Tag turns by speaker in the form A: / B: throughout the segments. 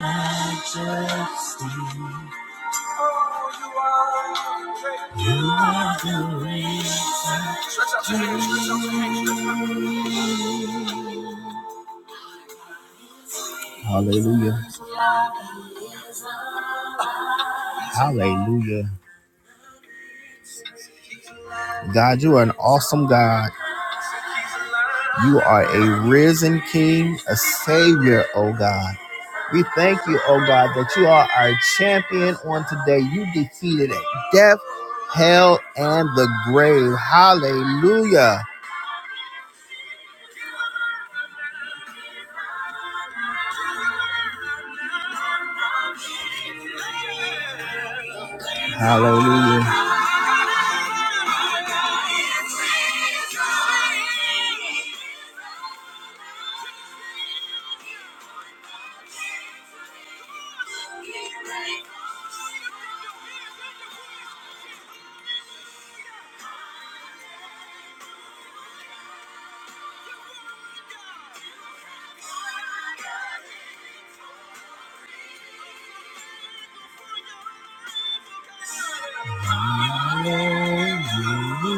A: majesty. Oh, You are you are the reason. Hallelujah. Hallelujah. God, you are an awesome God. You are a risen King, a Savior, oh God. We thank you, oh God, that you are our champion on today. You defeated death, hell, and the grave. Hallelujah. Hallelujah. Thank you.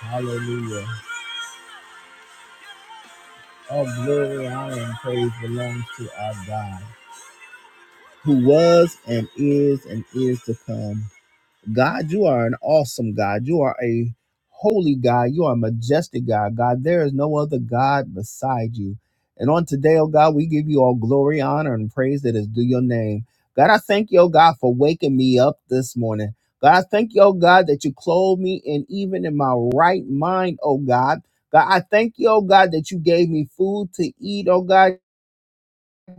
A: Hallelujah. All glory, honor, and praise belongs to our God, who was and is and is to come. God, you are an awesome God. You are a holy God. You are a majestic God. God, there is no other God beside you. And on today, oh God, we give you all glory, honor, and praise that is due your name. God, I thank you, oh God, for waking me up this morning. God, I thank you, oh God, that you clothed me and even in my right mind, oh God. God, I thank you, oh God, that you gave me food to eat, oh God.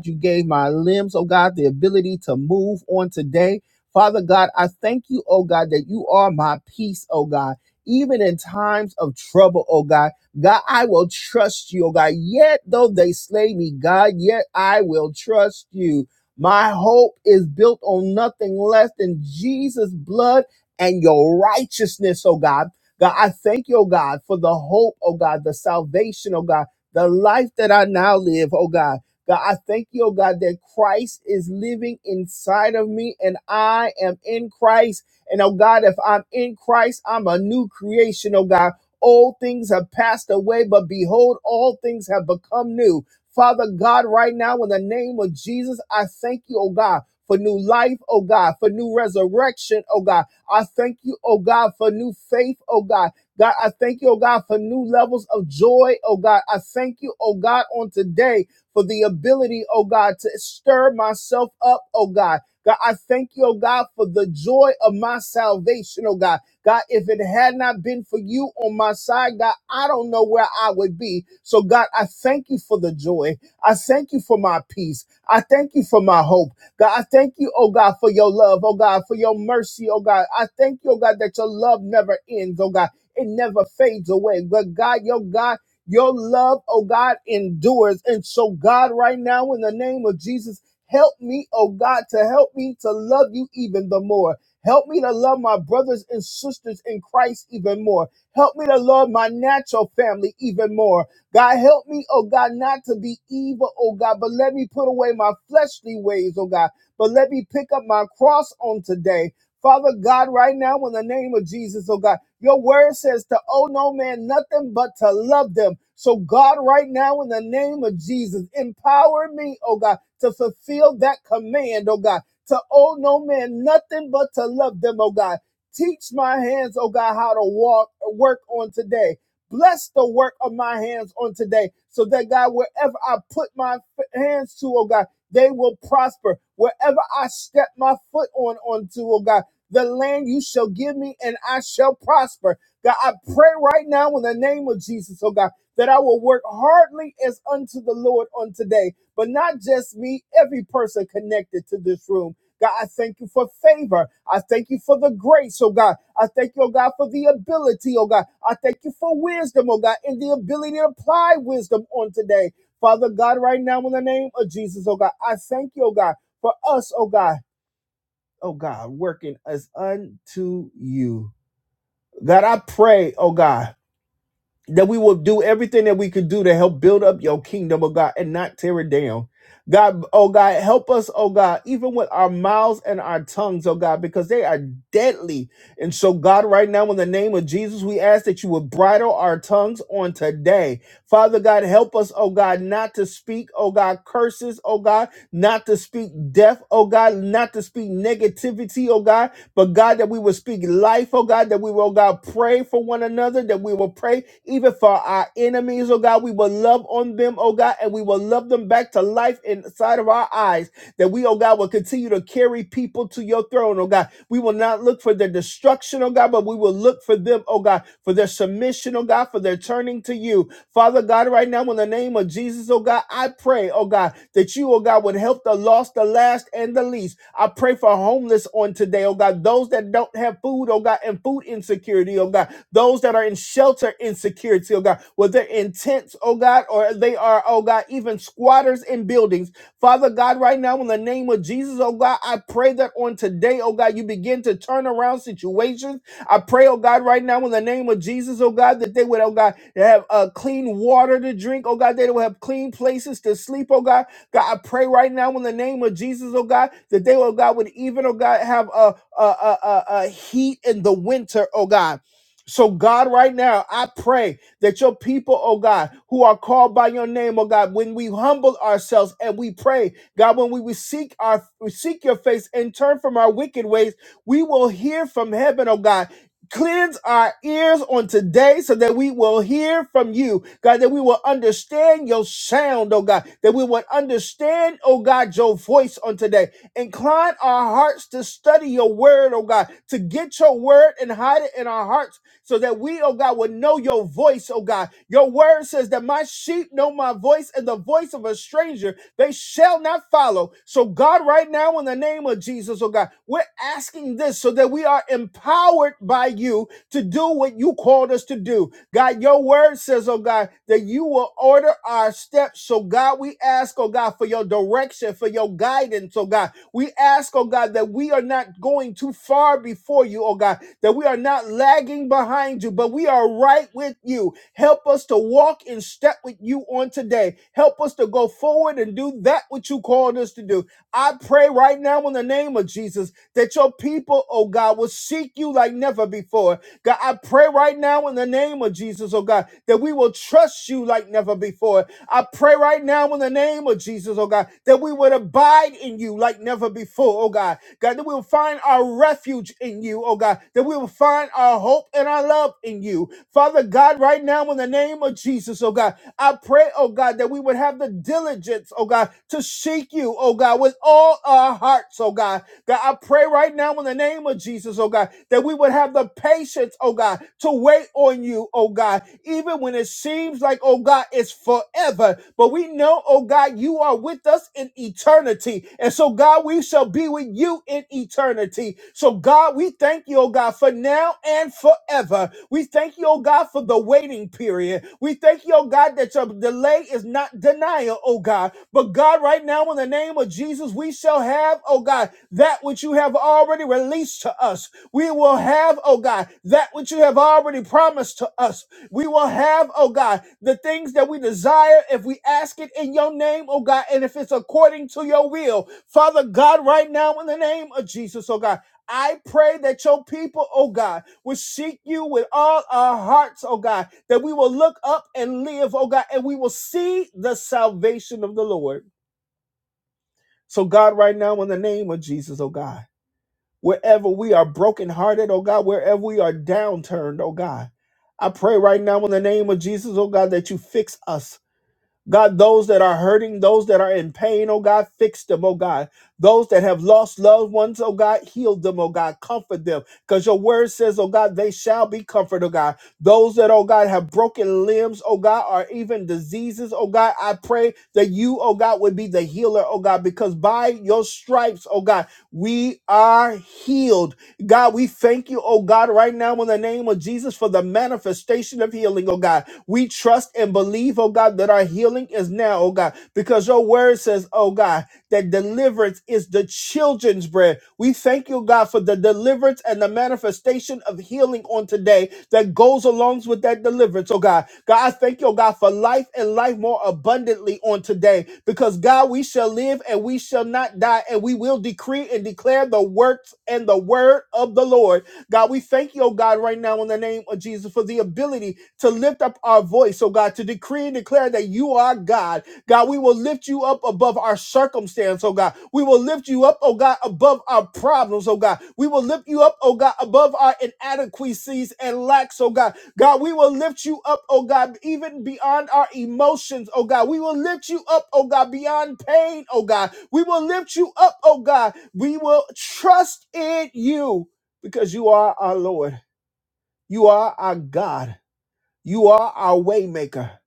A: You gave my limbs, oh God, the ability to move on today. Father God, I thank you, oh God, that you are my peace, oh God. Even in times of trouble, oh God, God, I will trust you, oh God. Yet though they slay me, God, yet I will trust you. My hope is built on nothing less than Jesus' blood and your righteousness, oh God. God, I thank you, oh God, for the hope, oh God, the salvation, oh God, the life that I now live, oh God. God, I thank you, oh God, that Christ is living inside of me and I am in Christ. And oh God, if I'm in Christ, I'm a new creation, oh God. Old things have passed away, but behold, all things have become new. Father God, right now, in the name of Jesus, I thank you, oh God, for new life, oh God, for new resurrection, oh God. I thank you, oh God, for new faith, oh God. God, I thank you, oh God, for new levels of joy, oh God. I thank you, oh God, on today for the ability, oh God, to stir myself up, oh God. God, I thank you, oh God, for the joy of my salvation, oh God. God, if it had not been for you on my side, God, I don't know where I would be. So, God, I thank you for the joy. I thank you for my peace. I thank you for my hope. God, I thank you, oh God, for your love, oh God, for your mercy, oh God. I thank you, oh God, that your love never ends, oh God. It never fades away. But God, your God your love, oh God, endures. And so, God, right now, in the name of Jesus, help me, oh God, to help me to love you even the more. Help me to love my brothers and sisters in Christ even more. Help me to love my natural family even more. God, help me, oh God, not to be evil, oh God, but let me put away my fleshly ways, oh God. But let me pick up my cross on today. Father God, right now, in the name of Jesus, oh God. Your word says to owe no man nothing but to love them. So, God, right now, in the name of Jesus, empower me, oh God, to fulfill that command, oh God, to owe no man nothing but to love them, oh God. Teach my hands, oh God, how to walk, work on today. Bless the work of my hands on today so that, God, wherever I put my f- hands to, oh God, they will prosper. Wherever I step my foot on, onto, oh God, the land you shall give me, and I shall prosper. God, I pray right now in the name of Jesus, oh God, that I will work hardly as unto the Lord on today, but not just me, every person connected to this room. God, I thank you for favor. I thank you for the grace, oh God. I thank you, oh God, for the ability, oh God. I thank you for wisdom, oh God, and the ability to apply wisdom on today. Father God, right now in the name of Jesus, oh God, I thank you, oh God, for us, oh God oh God, working us unto you. God, I pray, oh God, that we will do everything that we could do to help build up your kingdom, oh God, and not tear it down. God, oh God, help us, oh God, even with our mouths and our tongues, oh God, because they are deadly. And so, God, right now, in the name of Jesus, we ask that you would bridle our tongues on today. Father God, help us, oh God, not to speak, oh God, curses, oh God, not to speak death, oh God, not to speak negativity, oh God, but God, that we will speak life, oh God, that we will, oh God, pray for one another, that we will pray even for our enemies, oh God. We will love on them, oh God, and we will love them back to life inside of our eyes. That we, oh God, will continue to carry people to your throne, oh God. We will not look for their destruction, oh God, but we will look for them, oh God, for their submission, oh God, for their turning to you. Father God, right now, in the name of Jesus, oh God, I pray, oh God, that you, oh God, would help the lost, the last, and the least. I pray for homeless on today, oh God, those that don't have food, oh God, and food insecurity, oh God, those that are in shelter insecurity, oh God, whether in tents, oh God, or they are, oh God, even squatters in buildings. Father God, right now, in the name of Jesus, oh God, I pray that on today, oh God, you begin to turn around situations. I pray, oh God, right now in the name of Jesus, oh God, that they would, oh God, have uh, clean water to drink, oh God, that they will have clean places to sleep, oh God. God, I pray right now in the name of Jesus, oh God, that they, oh God, would even, oh God, have a, a, a, a, a heat in the winter, oh God. So, God, right now, I pray that your people, oh God, who are called by your name, oh God, when we humble ourselves and we pray, God, when we, we seek our we seek your face and turn from our wicked ways, we will hear from heaven, oh God, cleanse our ears on today so that we will hear from you, God, that we will understand your sound, oh God, that we will understand, oh God, your voice on today. Incline our hearts to study your word, oh God, to get your word and hide it in our hearts so that we, oh God, will know your voice, oh God. Your word says that my sheep know my voice and the voice of a stranger they shall not follow. So, God, right now, in the name of Jesus, oh God, we're asking this so that we are empowered by you to do what you called us to do. God, your word says, oh God, that you will order our steps. So, God, we ask, oh God, for your direction, for your guidance, oh God. We ask, oh God, that we are not going too far before you, oh God that we are not lagging behind you, but we are right with you. Help us to walk in step with you on today. Help us to go forward and do that which you called us to do. I pray right now in the name of Jesus that your people, oh God, will seek you like never before. God, I pray right now in the name of Jesus, oh God, that we will trust you like never before. I pray right now in the name of Jesus, oh God, that we would abide in you like never before, oh God. God, that we will find our refuge in you, oh God, that we will find our hope and our love in you. Father God, right now in the name of Jesus, oh God, I pray, oh God, that we would have the diligence, oh God, to seek you, oh God, with all our hearts, oh God. God, I pray right now in the name of Jesus, oh God, that we would have the patience, oh God, to wait on you, oh God, even when it seems like, oh God, it's forever. But we know, oh God, you are with us in eternity. And so, God, we shall be with you in eternity. So, God, we thank you, oh God, for now and forever. We thank you, oh God, for the waiting period. We thank you, oh God, that your delay is not denial, oh God. But but God, right now, in the name of Jesus, we shall have, oh God, that which you have already released to us. We will have, oh God, that which you have already promised to us. We will have, oh God, the things that we desire if we ask it in your name, oh God, and if it's according to your will. Father God, right now, in the name of Jesus, oh God. I pray that your people, oh God, will seek you with all our hearts, oh God, that we will look up and live, oh God, and we will see the salvation of the Lord. So, God, right now, in the name of Jesus, oh God, wherever we are brokenhearted, oh God, wherever we are downturned, oh God, I pray right now in the name of Jesus, oh God, that you fix us. God, those that are hurting, those that are in pain, oh God, fix them, oh God. Those that have lost loved ones, oh God, heal them, oh God, comfort them. Because your word says, oh God, they shall be comforted, oh God. Those that, oh God, have broken limbs, oh God, or even diseases, oh God, I pray that you, oh God, would be the healer, oh God, because by your stripes, oh God, we are healed. God, we thank you, oh God, right now in the name of Jesus for the manifestation of healing, oh God. We trust and believe, oh God, that our healing is now, oh God, because your word says, oh God, that deliverance is the children's bread. We thank you, God, for the deliverance and the manifestation of healing on today that goes along with that deliverance, oh God. God, I thank you, oh God, for life and life more abundantly on today because, God, we shall live and we shall not die, and we will decree and declare the works and the word of the Lord. God, we thank you, oh God, right now in the name of Jesus for the ability to lift up our voice, oh God, to decree and declare that you are God. God, we will lift you up above our circumstance, oh God. We will lift you up, oh God, above our problems, oh God. We will lift you up, oh God, above our inadequacies and lacks, oh God. God, we will lift you up, oh God, even beyond our emotions, oh God. We will lift you up, oh God, beyond pain, oh God. We will lift you up, oh God. We will trust in you because you are our Lord. You are our God. You are our waymaker.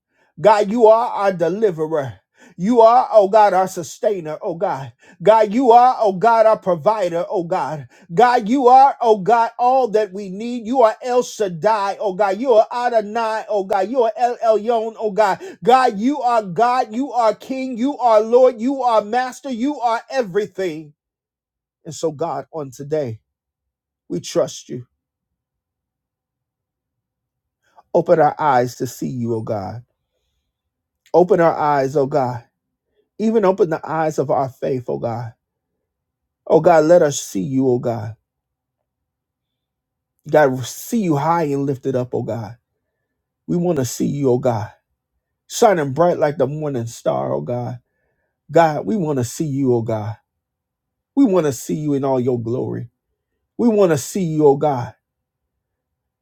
A: God, you are our deliverer. You are, oh God, our sustainer, oh God. God, you are, oh God, our provider, oh God. God, you are, oh God, all that we need. You are El Shaddai, oh God. You are Adonai, oh God. You are El Elyon, oh God. God, you are God. You are King. You are Lord. You are Master. You are everything. And so, God, on today, we trust you. Open our eyes to see you, O God. Open our eyes, O God. Even open the eyes of our faith, O God. O God, let us see you, O God. God, see you high and lifted up, O God. We want to see you, O God. Shining bright like the morning star, O God. God, we want to see you, O God. We want to see you in all your glory. We want to see you, O God.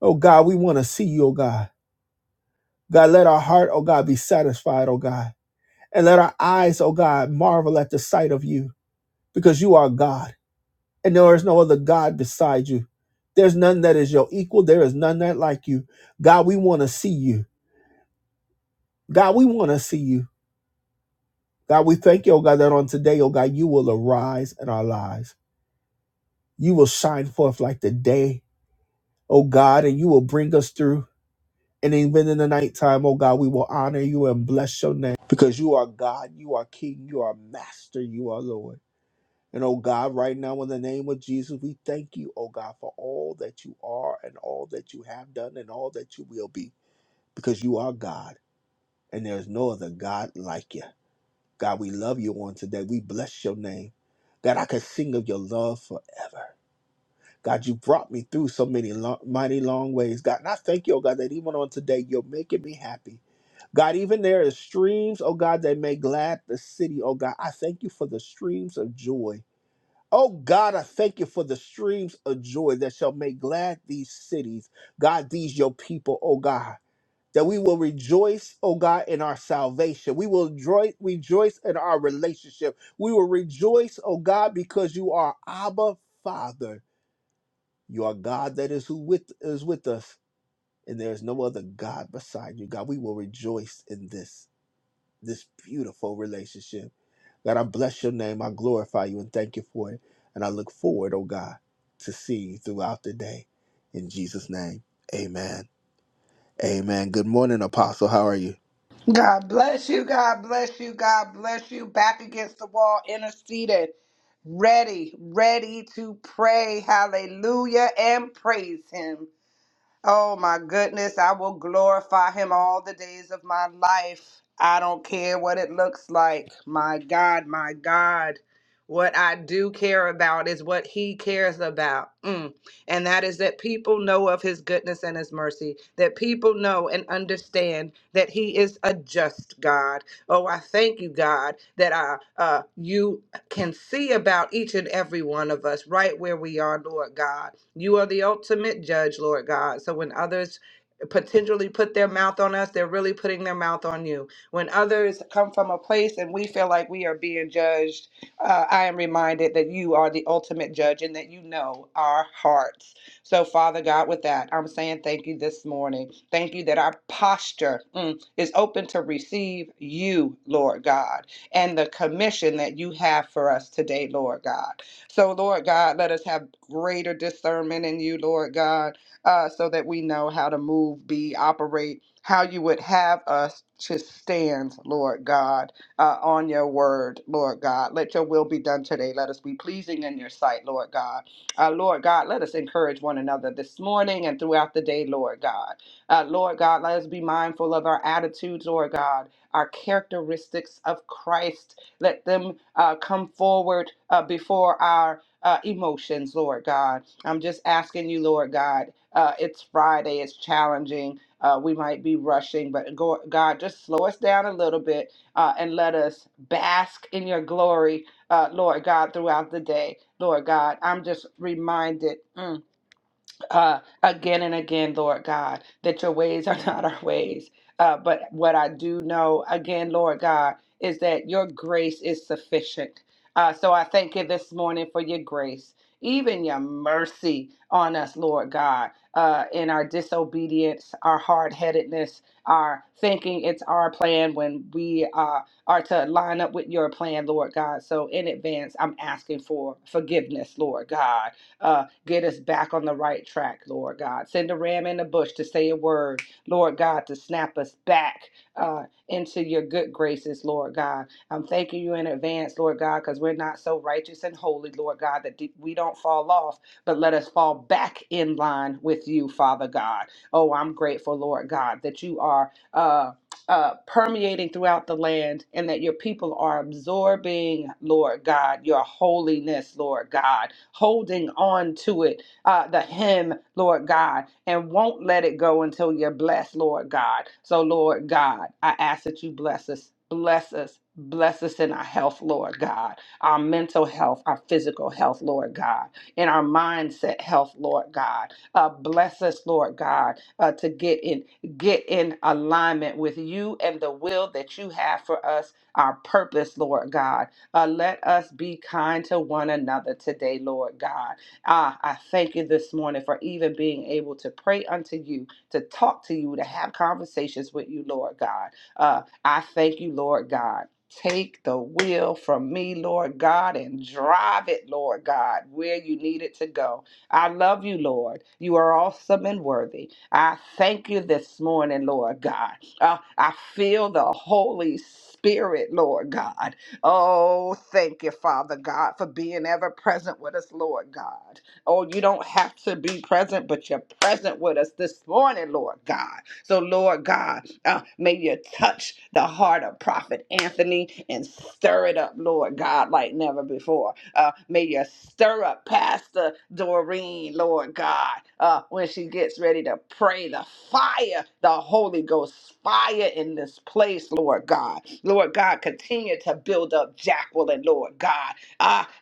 A: O God, we want to see you, O God. God, let our heart, O God, be satisfied, O God. And let our eyes, O God, marvel at the sight of you because you are God. and there is no other God beside you. There's none that is your equal. There is none that like you. God, we want to see you. God, we want to see you. God, we thank you, oh God, that on today, oh God, you will arise in our lives. You will shine forth like the day, oh God, and you will bring us through. And even in the nighttime, oh God, we will honor you and bless your name because you are God, you are King, you are Master, you are Lord. And oh God, right now in the name of Jesus, we thank you, oh God, for all that you are and all that you have done and all that you will be, because you are God and there is no other God like you. God, we love you on today. We bless your name. God, I can sing of your love forever. God, you brought me through so many long, mighty long ways. God, and I thank you, oh God, that even on today, you're making me happy. God, even there is streams, oh God, that make glad the city, oh God. I thank you for the streams of joy Oh God, I thank you for the streams of joy that shall make glad these cities. God, these your people, oh God, that we will rejoice, oh God, in our salvation. We will joy- rejoice in our relationship. We will rejoice, oh God, because you are Abba Father. You are God that is who with is with us, and there is no other God beside you. God, we will rejoice in this, this beautiful relationship. God, I bless your name. I glorify you and thank you for it. And I look forward, oh God, to seeing you throughout the day. In Jesus' name, amen. Amen. Good morning, Apostle. How are you?
B: God bless you. God bless you. God bless you. Back against the wall, interceded, ready, ready to pray. Hallelujah and praise Him. Oh my goodness, I will glorify him all the days of my life. I don't care what it looks like. My God, my God. What I do care about is what he cares about. Mm. And that is that people know of his goodness and his mercy, that people know and understand that he is a just God. Oh, I thank you, God, that I, uh, you can see about each and every one of us right where we are, Lord God. You are the ultimate judge, Lord God. So when others potentially put their mouth on us, they're really putting their mouth on you. When others come from a place and we feel like we are being judged, uh, I am reminded that you are the ultimate judge and that you know our hearts. So, Father God, with that, I'm saying thank you this morning. Thank you that our posture mm, is open to receive you, Lord God and the commission that you have for us today, Lord God. So, Lord God, let us have greater discernment in you, Lord God, uh, so that we know how to move, be, operate, how you would have us to stand, Lord God, uh, on your word, Lord God. Let your will be done today. Let us be pleasing in your sight, Lord God. Uh, Lord God, let us encourage one another this morning and throughout the day, Lord God. Uh, Lord God, let us be mindful of our attitudes, Lord God our characteristics of Christ. Let them uh, come forward uh, before our uh, emotions, Lord God. I'm just asking you, Lord God. Uh, it's Friday, it's challenging. Uh, we might be rushing, but go, God, just slow us down a little bit uh, and let us bask in your glory, uh, Lord God, throughout the day. Lord God, I'm just reminded. mm, uh, again and again, Lord God, that your ways are not our ways. Uh, but what I do know, again, Lord God, is that your grace is sufficient. Uh, so I thank you this morning for your grace, even your mercy on us, Lord God, uh, in our disobedience, our hard headedness, our thinking it's our plan when we uh, are to line up with your plan, Lord God. So in advance, I'm asking for forgiveness, Lord God uh, get us back on the right track, Lord God. Send a ram in the bush to say a word, Lord God, to snap us back uh, into your good graces, Lord God. I'm thanking you in advance, Lord God, because we're not so righteous and holy, Lord God, that we don't fall off, but let us fall back in line with you, Father God. Oh, I'm grateful, Lord God, that you are. uh, uh, permeating throughout the land and that your people are absorbing, Lord God, your holiness, Lord God, holding on to it, uh, the hymn, Lord God, and won't let it go until you're blessed, Lord God. So, Lord God, I ask that you bless us, bless us. Bless us in our health, Lord God, our mental health, our physical health, Lord God, and our mindset health, Lord God. Uh, bless us, Lord God, uh, to get in get in alignment with you and the will that you have for us, our purpose, Lord God. Uh, let us be kind to one another today, Lord God. Ah, I thank you this morning for even being able to pray unto you, to talk to you, to have conversations with you, Lord God. Uh, I thank you, Lord God. Take the wheel from me, Lord God, and drive it, Lord God, where you need it to go. I love you, Lord. You are awesome and worthy. I thank you this morning, Lord God. Uh, I feel the Holy Spirit, Lord God. Oh, thank you, Father God, for being ever present with us, Lord God. Oh, you don't have to be present, but you're present with us this morning, Lord God. So, Lord God, uh, may you touch the heart of Prophet Anthony and stir it up, Lord God, like never before. Uh, may you stir up Pastor Doreen, Lord God, uh, when she gets ready to pray the fire, the Holy Ghost fire in this place, Lord God. Lord God, continue to build up Jacqueline, Lord God,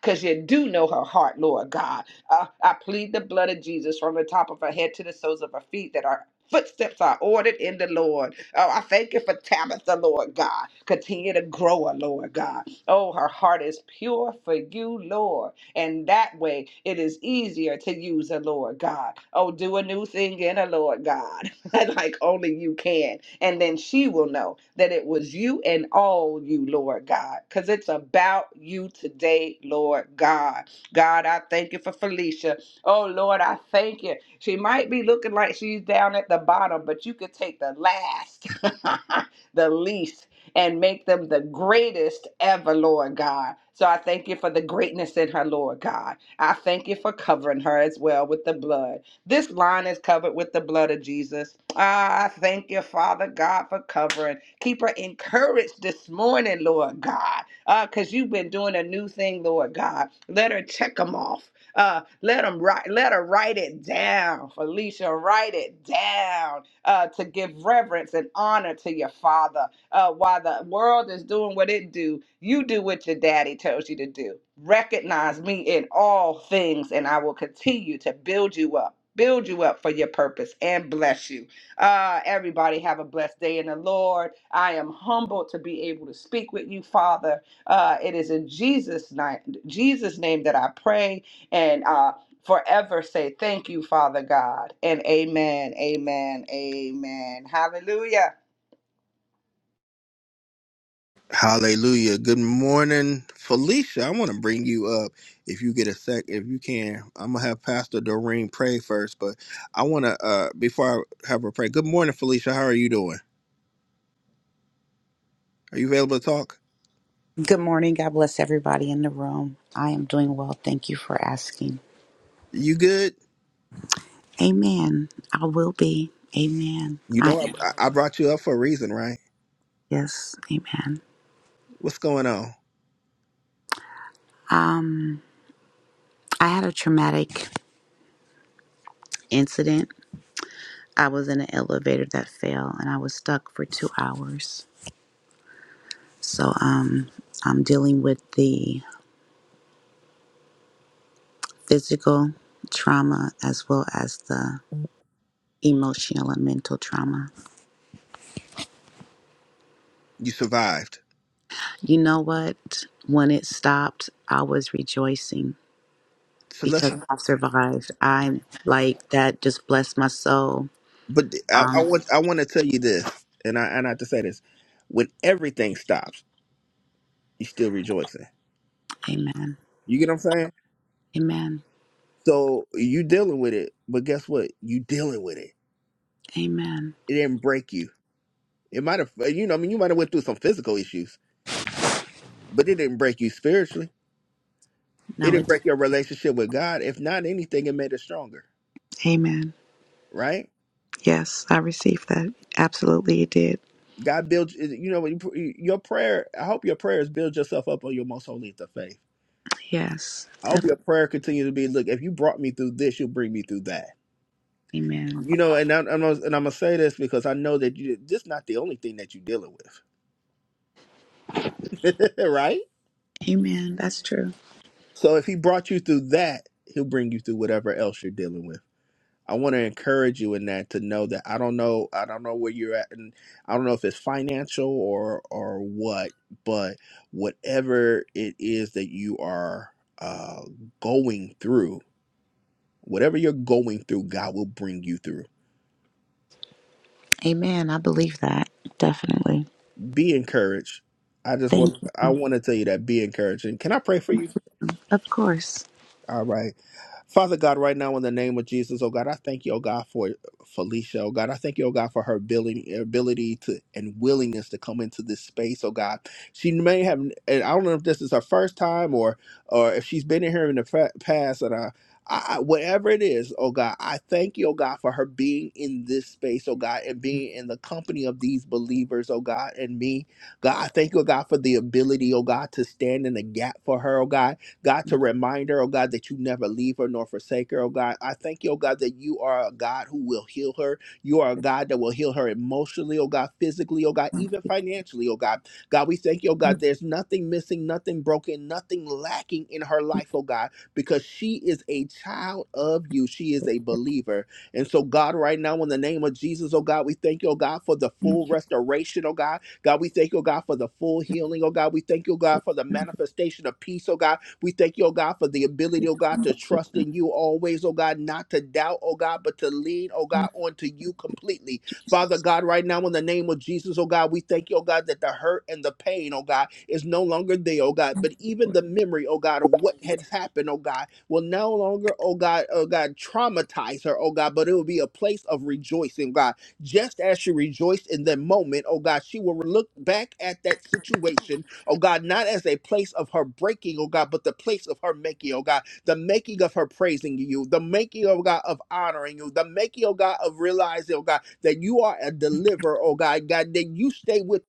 B: because you do know her heart, Lord God. Uh, I plead the blood of Jesus from the top of her head to the soles of her feet that our Footsteps are ordered in the Lord. Oh, I thank you for Tabitha, Lord God. Continue to grow her, Lord God. Oh, her heart is pure for you, Lord. And that way it is easier to use her, Lord God. Oh, do a new thing in her, Lord God, like only you can. And then she will know that it was you and all you, Lord God, because it's about you today, Lord God. God, I thank you for Felicia. Oh, Lord, I thank you. She might be looking like she's down at the bottom, but you could take the last, the least and make them the greatest ever, Lord God. So I thank you for the greatness in her, Lord God. I thank you for covering her as well with the blood. This line is covered with the blood of Jesus. Ah, I thank you, Father God, for covering. Keep her encouraged this morning, Lord God, because you've been doing a new thing, Lord God. Let her check them off. Uh, let them write. Let her write it down, Felicia. Write it down uh, to give reverence and honor to your Father uh, while the world is doing what it do, you do what your daddy tells you to do. Recognize me in all things, and I will continue to build you up, build you up for your purpose, and bless you. Uh, everybody have a blessed day in the Lord. I am humbled to be able to speak with you, Father. Uh, it is in Jesus' name, Jesus' name that I pray, and uh, forever say thank you, Father God, and Amen, Amen, Amen. Hallelujah.
A: Hallelujah. Good morning, Felicia. I want to bring you up if you get a sec, if you can. I'm going to have Pastor Doreen pray first, but I want to, uh, before I have her pray, good morning, Felicia. How are you doing? Are you available to talk?
C: Good morning. God bless everybody in the room. I am doing well. Thank you for asking.
A: You good?
C: Amen. I will be. Amen.
A: You
C: I
A: know,
C: am.
A: I, I brought you up for a reason, right?
C: Yes. Amen.
A: What's going on?
C: Um, I had a traumatic incident. I was in an elevator that fell and I was stuck for two hours. So um, I'm dealing with the physical trauma as well as the emotional and mental trauma.
A: You survived.
C: You know what? When it stopped, I was rejoicing
A: So let's
C: because I survived. I like that just blessed my soul.
A: But I, I
C: Um,
A: want I want to tell you this, and I and I have to say this: when everything stops, you're still rejoicing.
C: amen.
A: You get what I'm saying?
C: Amen.
A: So you dealing with it, but guess what? You dealing with it.
C: Amen.
A: It didn't break you. It might have, uh, you know, I mean, you might have went through some physical issues, but it didn't break you spiritually. It
C: No, it
A: didn't
C: did.
A: break your relationship with God. If not anything, it made it stronger,
C: Amen.
A: right?
C: Yes, I received that. Absolutely, it did.
A: God built, you know, when you pr- your prayer. I hope your prayers build yourself up on your most holy of faith
C: Yes,
A: I hope
C: definitely.
A: your prayer continues to be, look, if you brought me through this, you'll bring me through that.
C: Amen.
A: You know, and I, I'm gonna- and I'm gonna say this because I know that you this is not the only thing that you're dealing with, right?
C: Amen. That's true.
A: So if he brought you through that, he'll bring you through whatever else you're dealing with. I want to encourage you in that to know that I don't know, I don't know where you're at, and I don't know if it's financial or or what, but whatever it is that you are uh, going through, whatever you're going through, God will bring you through
C: Amen. I believe that. Definitely.
A: be encouraged. I just
C: Thank
A: want I
C: you.
A: want to tell you that be encouraged. And can I pray for you?
C: Of course.
A: All right. Father God, right now in the name of Jesus, oh God, I thank you, oh God, for Felicia, oh God. I thank you, oh God, for her ability, ability to and willingness to come into this space, oh God. She may have, and I don't know if this is her first time or or if she's been in here in the fa- past, and I, I, whatever it is, oh God, I thank you, oh God, for her being in this space, oh God, and being in the company of these believers, oh God, and me, God. I thank you, oh God, for the ability, oh God, to stand in the gap for her, oh God. God,
C: Thank
A: to remind her, oh God, that you never leave her nor forsake her, oh God. I thank you, oh God, that you are a God who will heal her. You are a God that will heal her emotionally, oh God, physically, oh God, even financially, oh God. God, we thank you, oh God, there's nothing missing, nothing broken, nothing lacking in her life, oh God, because she is a child of you. She is a believer. And so, God, right now, in the name of Jesus, oh God, we thank you, oh God, for the full
C: you.
A: restoration, oh God. God, we thank you, oh God, for the full healing, oh God. We thank you, oh God, for the
C: Thank
A: manifestation of peace, oh God. We thank you, oh God, for the ability, oh God, to trust in you always, oh God, not to doubt, oh God, but to lean, oh
C: you, Lord.
A: God, onto you completely.
C: Jesus.
A: Father God, right now in the name of Jesus, oh God, we thank you, oh God, that the hurt and the pain, oh God, is no longer there, oh God. But even
C: Lord.
A: the memory, oh God, of what had happened, oh God, will no longer, oh God, oh God, traumatize her, oh God, but it will be a place of rejoicing, God. Just as she rejoiced in that moment, oh God, she will look back at that situation oh God, not as a place of her breaking, oh God, but the place of her making, oh God, the making of her praising you, the making, oh God, of honoring you, the making, oh God, of realizing, oh God, that you are a deliverer, oh God, God, that you stay with.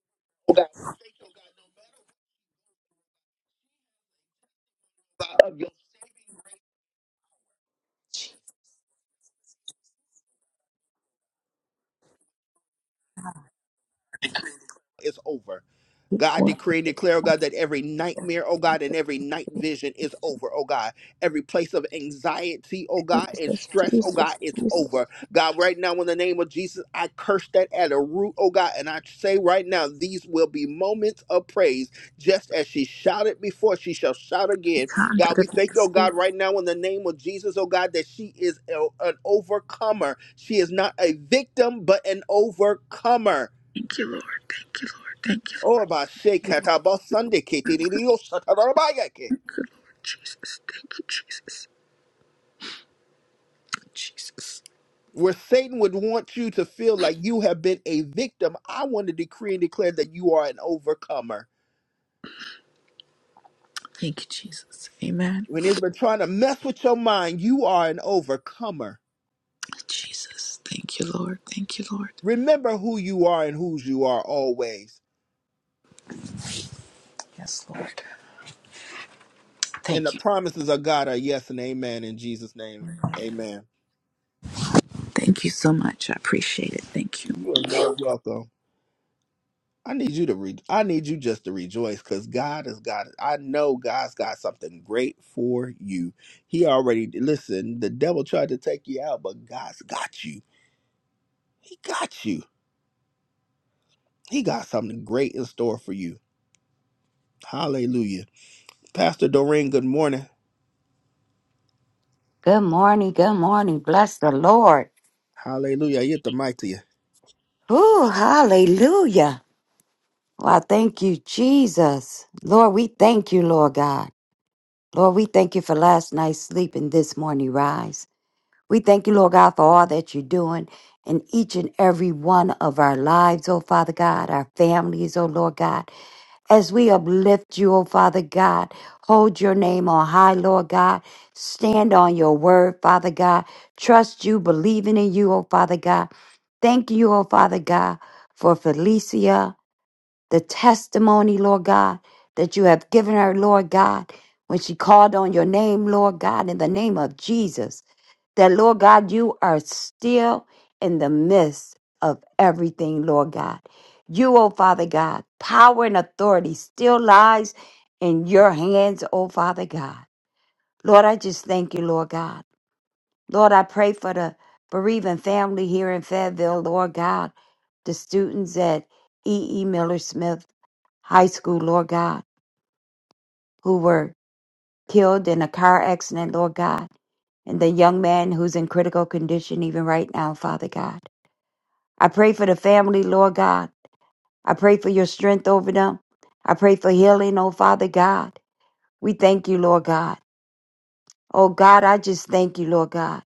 A: us over. God, I decree and declare, oh God, that every nightmare, oh God, and every night vision is over, oh God. Every place of anxiety, oh God, and stress, oh God, it's over. God, right now, in the name of Jesus, I curse that at a root, oh God, and I say right now, these will be moments of praise, just as she shouted before, she shall shout again. God, we thank you, oh God, right now, in the name of Jesus, oh God, that she is a- an overcomer. She is not a victim, but an overcomer.
C: Thank you, Lord. Thank you, Lord. Thank you, Lord.
A: Oh, about shake about Sunday, Kate, it is your Saturday, about ya, Kate.
C: Good Lord. Jesus. Thank you, Jesus. Jesus.
A: where Satan would want you to feel like you have been a victim, I want to decree and declare that you are an overcomer.
C: Thank you, Jesus. Amen.
A: When it's been trying to mess with your mind, you are an overcomer.
C: Jesus. Thank you, Lord. Thank you, Lord.
A: Remember who you are and whose you are always.
C: Yes, Lord.
A: And the
C: Thank you.
A: promises of God are yes and amen in Jesus' name. Amen.
C: Thank you so much. I appreciate it. Thank you.
A: You are very welcome. I need you to re- I need you just to rejoice because God has got I know God's got something great for you. He already listen, the devil tried to take you out, but God's got you. He got you. He got something great in store for you. Hallelujah. Pastor Doreen, good morning.
D: Good morning. Good morning. Bless the Lord.
A: Hallelujah. I get the mic to you.
D: Ooh, hallelujah. Well, I thank you, Jesus. Lord, we thank you, Lord God. Lord, we thank you for last night's sleep and this morning rise. We thank you, Lord God, for all that you're doing in each and every one of our lives, oh Father God, our families, oh Lord God. As we uplift you, O Father God, hold your name on high, Lord God. Stand on your word, Father God. Trust you, believing in you, O Father God. Thank you, O Father God, for Felicia the testimony, Lord God, that you have given her, Lord God, when she called on your name, Lord God, in the name of Jesus, that, Lord God, you are still in the midst of everything, Lord God. You, oh Father God, power and authority still lies in your hands, oh Father God. Lord, I just thank you, Lord God. Lord, I pray for the bereaving family here in Fayetteville, Lord God, the students at E.E. Miller Smith high school, Lord God, who were killed in a car accident, Lord God, and the young man who's in critical condition even right now, Father God. I pray for the family, Lord God. I pray for your strength over them. I pray for healing, oh Father God. We thank you, Lord God. Oh God, I just thank you, Lord God.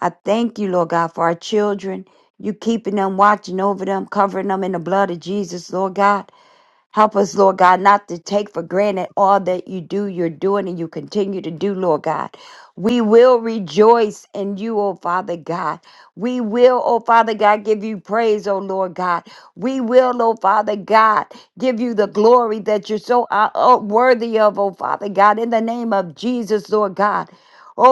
D: I thank you, Lord God, for our children. You keeping them, watching over them, covering them in the blood of Jesus, Lord God. Help us, Lord God, not to take for granted all that you do, you're doing, and you continue to do, Lord God. We will rejoice in you, O Father God. We will, O Father God, give you praise, O Lord God. We will, O Father God, give you the glory that you're so uh, uh, worthy of, O Father God, in the name of Jesus, Lord God. Oh,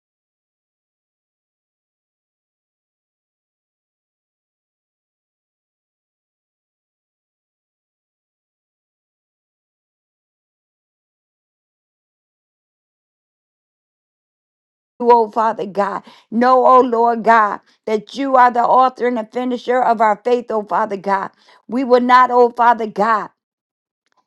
D: you, O Father God, know, O Lord God, that you are the author and the finisher of our faith, O Father God. We will not, O Father God.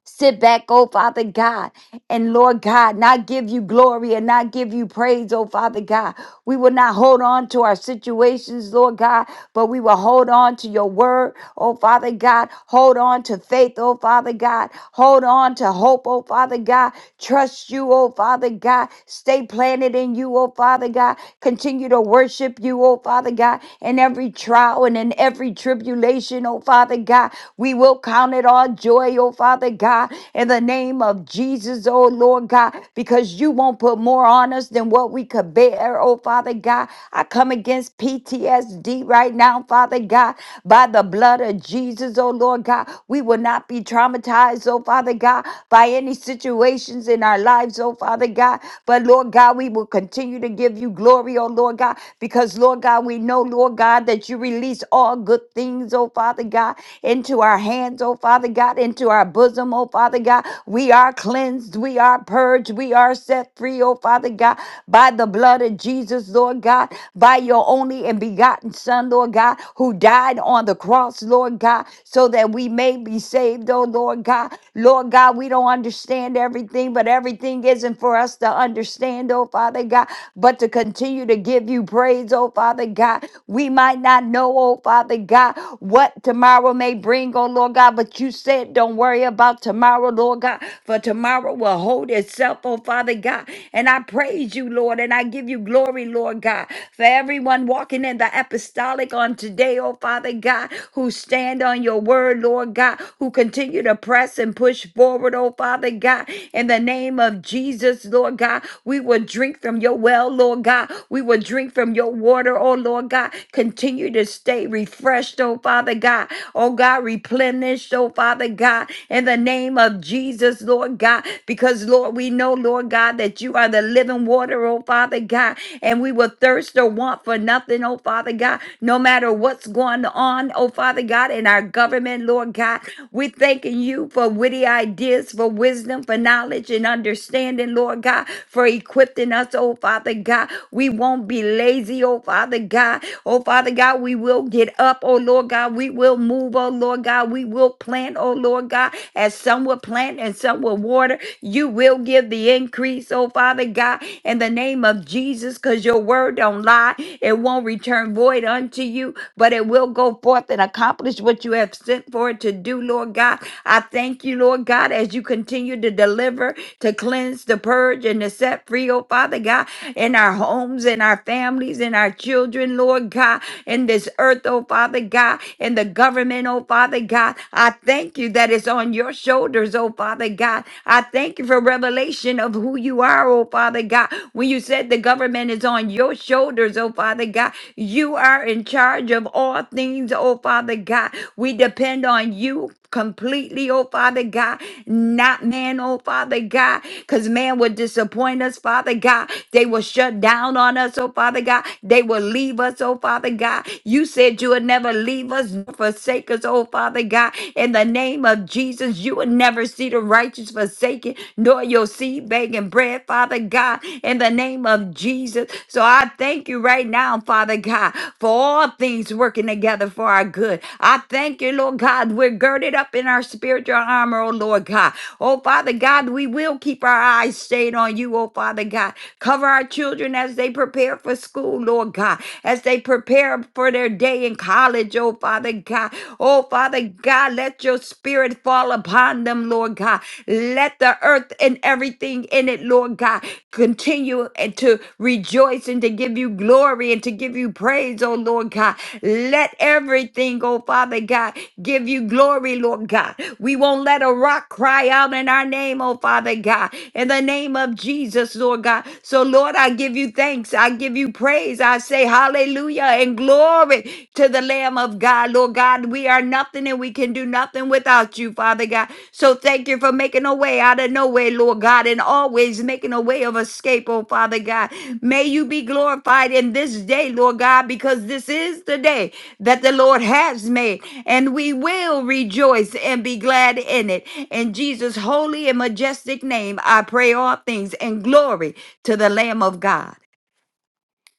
D: sit back, oh Father God, and Lord God, not give you glory and not give you praise, oh Father God. We will not hold on to our situations, Lord God, but we will hold on to your word, oh Father God. Hold on to faith, oh Father God. Hold on to hope, oh Father God. Trust you, oh Father God. Stay planted in you, oh Father God. Continue to worship you, oh Father God, in every trial and in every tribulation, oh Father God. We will count it all joy, oh Father God, in the name of Jesus, oh Lord God, because you won't put more on us than what we could bear, oh Father God. I come against PTSD right now, Father God, by the blood of Jesus, oh Lord God. We will not be traumatized, oh Father God, by any situations in our lives, oh Father God. But Lord God, we will continue to give you glory, oh Lord God, because Lord God, we know, Lord God, that you release all good put things, oh Father God, into our hands, oh Father God, into our bosom, oh Father God. We are cleansed, we are purged, we are set free, oh Father God, by the blood of Jesus, Lord God, by your only and begotten Son, Lord God, who died on the cross, Lord God, so that we may be saved, oh Lord God. Lord God, we don't understand everything, but everything isn't for us to understand, oh Father God, but to continue to give you praise, oh Father God. We might not know, oh Father God, what tomorrow may bring, oh Lord God, but you said don't worry about tomorrow, Lord God, for tomorrow will hold itself, oh Father God. And I praise you, Lord, and I give you glory, Lord God, for everyone walking in the apostolic on today, oh Father God, who stand on your word, Lord God, who continue to press and push forward, oh Father God, in the name of Jesus, Lord God. We will drink from your well, Lord God. We will will drink from your water, oh Lord God. Continue to stay refreshed, oh Father God. Oh God, replenished, oh Father God, in the name of Jesus, Lord God. Because, Lord, we know, Lord God, that you are the living water, oh Father God. And we will thirst or want for nothing, oh Father God, no matter what's going on, oh Father God, in our government, Lord God. We're thanking you for witty ideas, for wisdom, for knowledge and understanding, Lord God, for equipping us us, oh Father God. We won't be lazy, oh Father God. Oh Father God, we will get up, oh Lord God. We will move, oh Lord God. We will plant, oh Lord God, as some will plant and some will water. You will give the increase, oh Father God, in the name of Jesus, because your word don't lie. It won't return void unto you, but it will go forth and accomplish what you have sent for it to do, Lord God. I thank you, Lord God, as you continue to deliver, to cleanse cleanse, to purge, and to set free, oh Father God, in our homes, in our families, in our children, Lord God, in this earth, oh Father God, in the government, oh Father God. I thank you that it's on your shoulders, oh Father God. I thank you for revelation of who you are, oh Father God. When you said the government is on your shoulders, oh Father God, you are in charge of all things, oh Father God. We depend on you completely, oh Father God, not man, oh Father God, because man would disappoint us, Father God. They will shut down on us, oh Father God. They will leave us, oh Father God. You said you would never leave us, nor forsake us, oh Father God. In the name of Jesus, you would never see the righteous forsaken, nor your seed begging bread, Father God. In the name of Jesus. So I thank you right now, Father God, for all things working together for our good. I thank you, Lord. Lord God. We're girded up in our spiritual armor, oh Lord God. Oh Father God, we will keep our eyes stayed on you, oh Father God. Cover our children as they prepare for school, Lord God, as they prepare for their day in college, oh Father God. Oh Father God, let your spirit fall upon them, Lord God. Let the earth and everything in it, Lord God, continue and to rejoice and to give you glory and to give you praise, oh Lord God. Let everything oh Father God, give you glory, Lord God. We won't let a rock cry out in our name, oh Father God, in the name of Jesus, Lord God. So, Lord, I give you thanks. I give you praise. I say hallelujah and glory to the Lamb of God, Lord God. We are nothing and we can do nothing without you, Father God. So, thank you for making a way out of no way, Lord God, and always making a way of escape, oh Father God. May you be glorified in this day, Lord God, because this is the day that the Lord has made, and we will rejoice and be glad in it. In Jesus' holy and majestic name, I pray all things and glory to the Lamb of God.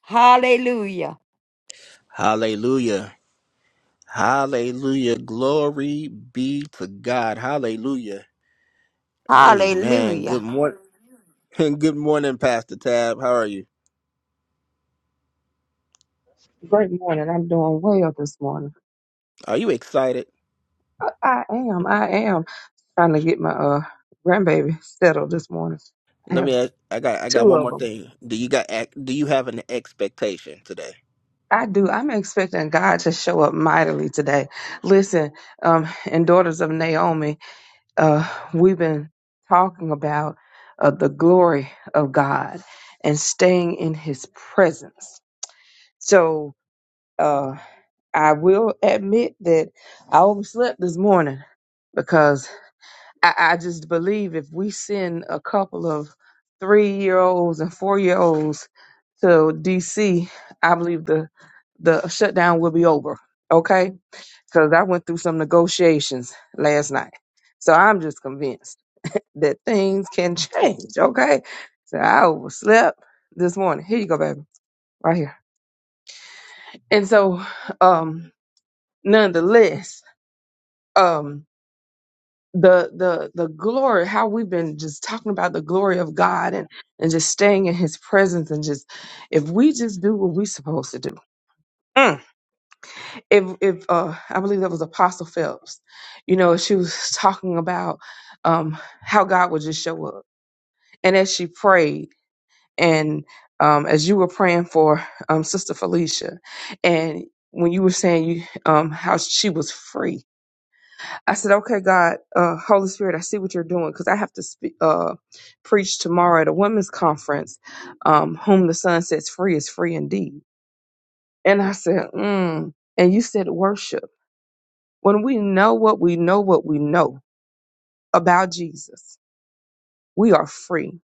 D: Hallelujah.
A: Hallelujah. Hallelujah. Glory be to God. Hallelujah. Amen.
D: Hallelujah.
A: Good morning. Good morning, Pastor Tab. How are you?
E: Great morning. I'm doing well this morning.
A: Are you excited?
E: I, I am. I am trying to get my uh grandbaby settled this morning. I
A: Let
E: have
A: me ask. I got. I got
E: two
A: one
E: of
A: more
E: them.
A: thing. Do you got? ac- Do you have an expectation today?
E: I do. I'm expecting God to show up mightily today. Listen, um, in Daughters of Naomi, uh, we've been talking about uh, the glory of God and staying in His presence. So uh, I will admit that I overslept this morning because. I, I just believe if we send a couple of three year olds and four year olds to DC, I believe the the shutdown will be over. Okay, because I went through some negotiations last night, so I'm just convinced that things can change. Okay, so I overslept this morning. Here you go, baby, right here. And so, um, nonetheless. um, the the the glory how we've been just talking about the glory of God and and just staying in his presence and just if we just do what we're supposed to do Mm. if if uh I believe that was apostle Phelps you know she was talking about um how God would just show up and as she prayed and um as you were praying for um sister Felicia and when you were saying you um how she was free I said, okay, God, uh, Holy Spirit, I see what you're doing because I have to speak, uh, preach tomorrow at a women's conference. Um, whom the Son sets free is free indeed. And I said, mm. and you said worship. When we know what we know, what we know about Jesus, we are free.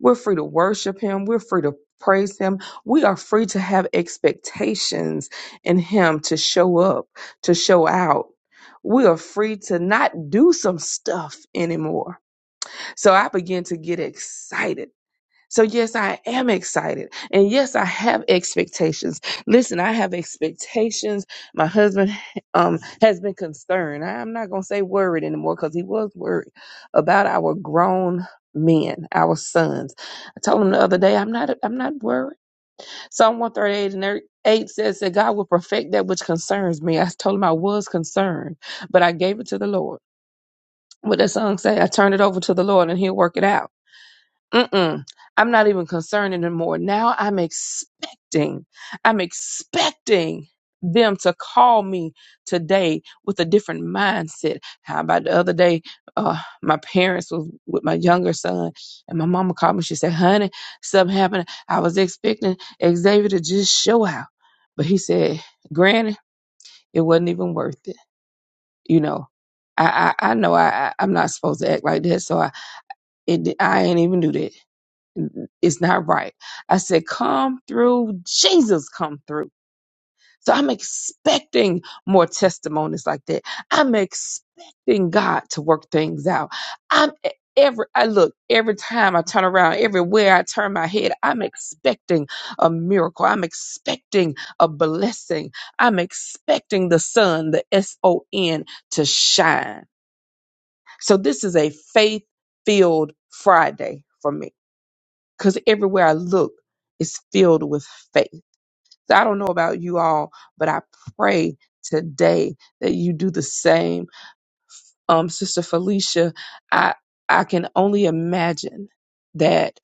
E: We're free to worship Him. We're free to praise Him. We are free to have expectations in Him to show up, to show out. We are free to not do some stuff anymore So I began to get excited. So, yes, I am excited. And yes, I have expectations. Listen, I have expectations. My husband um, has been concerned. I'm not going to say worried anymore because he was worried about our grown men, our sons. I told him the other day, I'm not, I'm not worried. Psalm 138 and er- 8 says that God will perfect that which concerns me. I told him I was concerned, but I gave it to the Lord. What that song say, I turned it over to the Lord and he'll work it out. Mm-mm. I'm not even concerned anymore. Now I'm expecting, I'm expecting them to call me today with a different mindset. How about the other day? Uh, my parents was with my younger son, and my mama called me. She said, "Honey, something happened. I was expecting Xavier to just show out, but he said, Granny, it wasn't even worth it. You know, I I, I know I, I I'm not supposed to act like that, so I it, I ain't even do that. It's not right. I said, Come through, Jesus, come through. So I'm expecting more testimonies like that. I'm expecting God to work things out. I'm e, every I look every time I turn around, everywhere I turn my head, I'm expecting a miracle. I'm expecting a blessing. I'm expecting the sun, the S O N, to shine. So this is a faith filled Friday for me because everywhere I look is filled with faith. So I don't know about you all, but I pray today that you do the same um, Sister Felicia, I I can only imagine that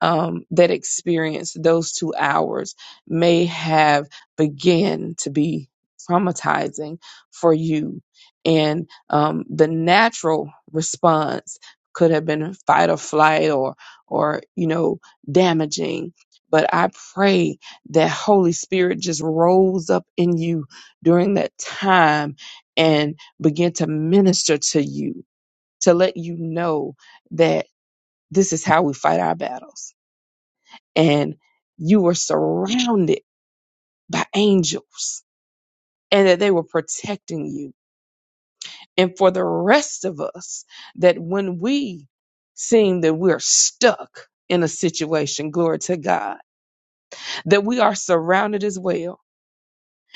E: um, that experience, those two hours, may have began to be traumatizing for you, and um, the natural response could have been fight or flight or or you know damaging. But I pray that Holy Spirit just rose up in you during that time begin to minister to you, to let you know that this is how we fight our battles. And you were surrounded by angels and that they were protecting you. And for the rest of us, that when we seem that we're stuck in a situation, glory to God, that we are surrounded as well.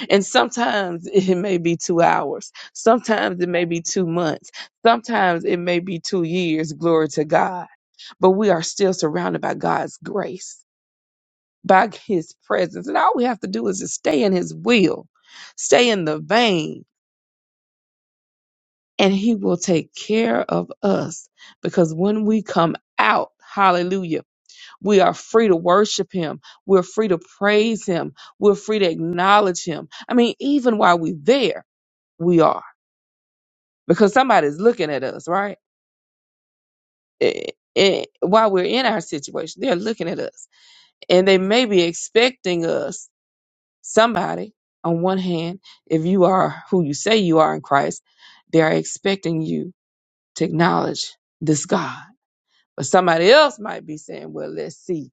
E: And sometimes it may be two hours, sometimes it may be two months, sometimes it may be two years, glory to God but we are still surrounded by God's grace, by His presence. And all we have to do is just stay in His will, stay in the vein, and He will take care of us. Because when we come out, hallelujah, we are free to worship Him, we're free to praise Him, we're free to acknowledge Him. I mean, even while we're there, we are, because somebody's looking at us, right? Eh, eh, while we're in our situation, they're looking at us and they may be expecting us Somebody, on one hand, if you are who you say you are in Christ, they are expecting you to acknowledge this God. But somebody else might be saying, well, let's see.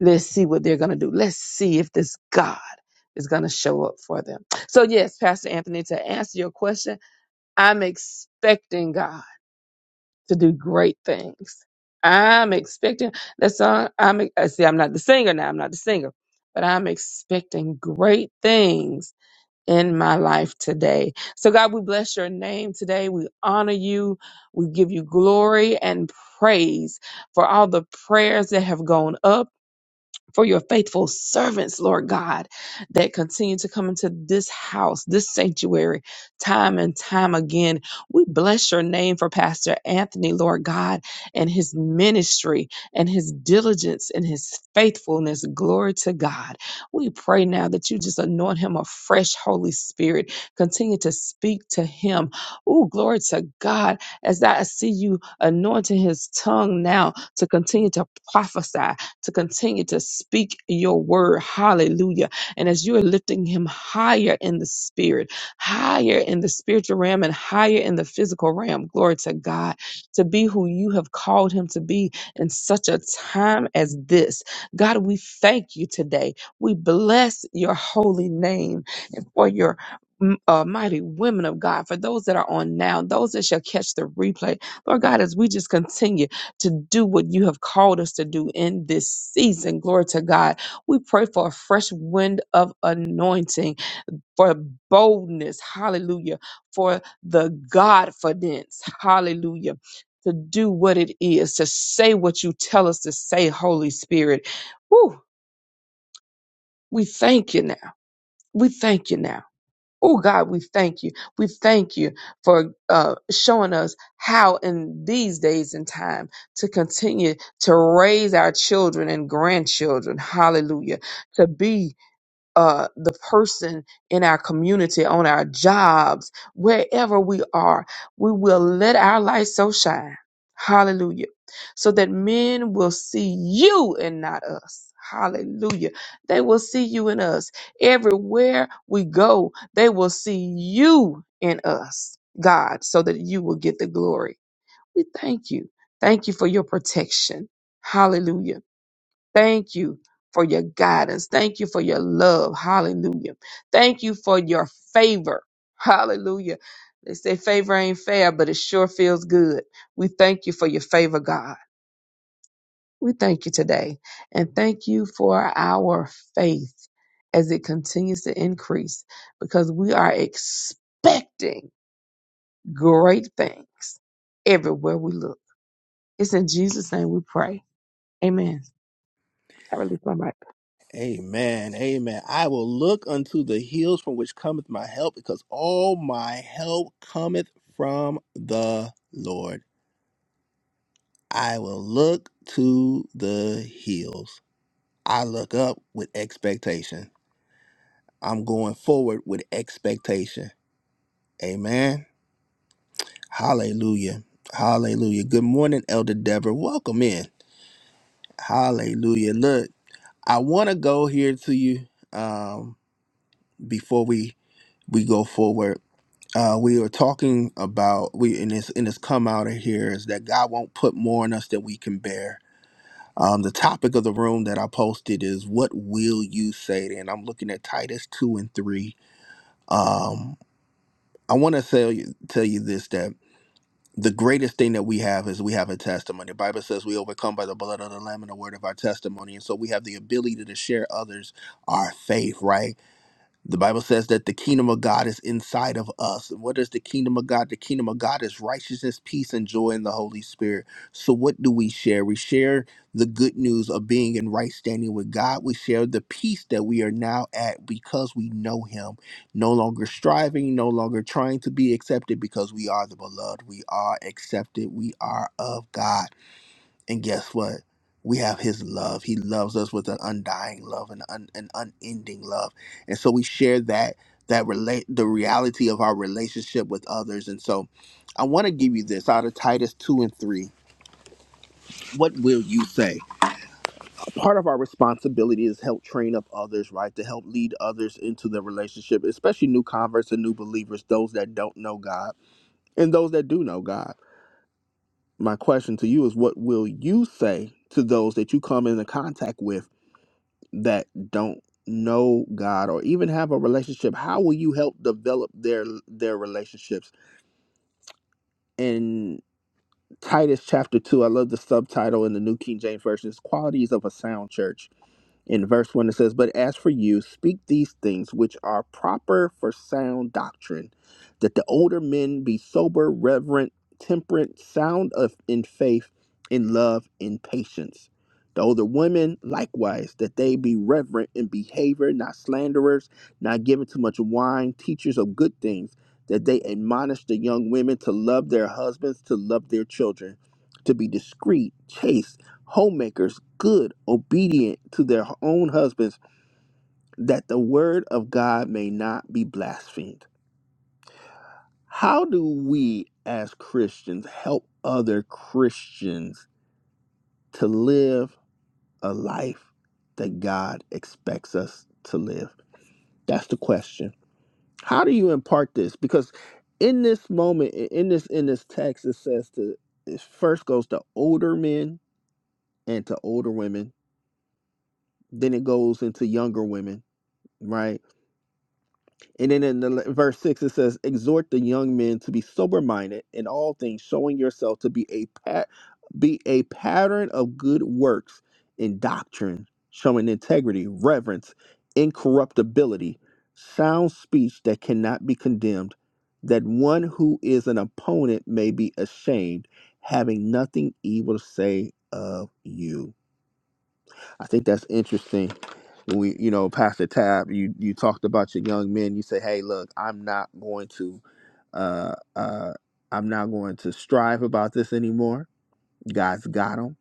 E: Let's see what they're going to do. Let's see if this God is going to show up for them. So, yes, Pastor Anthony, to answer your question, I'm expecting God to do great things. I'm expecting that song. I'm, I see, I'm not the singer now. I'm not the singer, but I'm expecting great things in my life today. So, God, we bless your name today. We honor you. We give you glory and praise for all the prayers that have gone up for your faithful servants, Lord God, that continue to come into this house, this sanctuary, time and time again. We bless your name for Pastor Anthony, Lord God, and his ministry and his diligence and his faithfulness. Glory to God. We pray now that you just anoint him a fresh Holy Spirit. Continue to speak to him. Oh, glory to God. As I see you anointing his tongue now to continue to prophesy to continue to speak your word. Hallelujah. And as you are lifting him higher in the spirit, higher in the spiritual realm, and higher in the physical realm, glory to God, to be who you have called him to be in such a time as this. God, we thank you today. We bless your holy name and for your m- uh, mighty women of God, for those that are on now, those that shall catch the replay. Lord God, as we just continue to do what you have called us to do in this season. Glory to God. We pray for a fresh wind of anointing, for boldness. Hallelujah. For the Godfidence. Hallelujah. To do what it is, to say what you tell us to say, Holy Spirit. Woo, we thank you now. We thank you now. Oh God, we thank you. We thank you for uh, showing us how in these days and time to continue to raise our children and grandchildren. Hallelujah. To be uh, the person in our community, on our jobs, wherever we are. We will let our light so shine. Hallelujah. So that men will see you and not us. Hallelujah. They will see you in us. Everywhere we go, they will see you in us, God, so that you will get the glory. We thank you. Thank you for your protection. Hallelujah. Thank you for your guidance. Thank you for your love. Hallelujah. Thank you for your favor. Hallelujah. They say favor ain't fair, but it sure feels good. We thank you for your favor, God. We thank you today. And thank you for our faith as it continues to increase because we are expecting great things everywhere we look. It's in Jesus' name we pray. Amen. I release my mic.
A: Amen. Amen. I will look unto the hills from which cometh my help, because all my help cometh from the Lord. I will look to the hills. I look up with expectation. I'm going forward with expectation. Amen. Hallelujah. Hallelujah. Good morning, Elder Deborah. Welcome in. Hallelujah. Look. I want to go here to you um, before we we go forward. Uh, we are talking about we in this in this come out of here is that God won't put more in us than we can bear. Um, the topic of the room that I posted is what will you say? Then I'm looking at Titus two and three. Um, I want to tell you tell you this that the greatest thing that we have is we have a testimony. The Bible says we overcome by the blood of the Lamb and the word of our testimony, and so we have the ability to share others our faith, right? The Bible says that the kingdom of God is inside of us. And what is the kingdom of God? The kingdom of God is righteousness, peace, and joy in the Holy Spirit. So, what do we share? We share the good news of being in right standing with God. We share the peace that we are now at because we know Him. No longer striving, no longer trying to be accepted because we are the beloved. We are accepted. We are of God. And guess what? We have his love. He loves us with an undying love and un, an unending love. And so we share that that relate the reality of our relationship with others. And so I want to give you this out of Titus 2 and 3. What will you say? Part of our responsibility is help train up others, right? To help lead others into the relationship, especially new converts and new believers, those that don't know God and those that do know God. My question to you is what will you say to those that you come into contact with? that don't know God or even have a relationship, how will you help develop their their relationships? In Titus chapter two, I love the subtitle in the New King James Version, is qualities of a sound church in verse 1, it says, But as for you, speak these things which are proper for sound doctrine, that the older men be sober, reverent, temperate, sound of, in faith, in love, in patience. The older women, likewise, that they be reverent in behavior, not slanderers, not given to much wine, teachers of good things, that they admonish the young women to love their husbands, to love their children, to be discreet, chaste homemakers good, obedient to their own husbands, that the word of God may not be blasphemed. How do we as Christians help other Christians to live a life that God expects us to live? That's the question. How do you impart this? Because in this moment, i- in this in this text, it says to it first goes to older men and to older women, then it goes into younger women, right? And then in the le- verse 6, it says, Exhort the young men to be sober minded in all things, showing yourself to be a, pat be a pattern of good works in doctrine, showing integrity, reverence, incorruptibility, sound speech that cannot be condemned, that one who is an opponent may be ashamed, having nothing evil to say of you. I think that's interesting. We, you know, Pastor Tab, you you talked about your young men. You say, "Hey, look, I'm not going to, uh, uh, I'm not going to strive about this anymore. God's got them."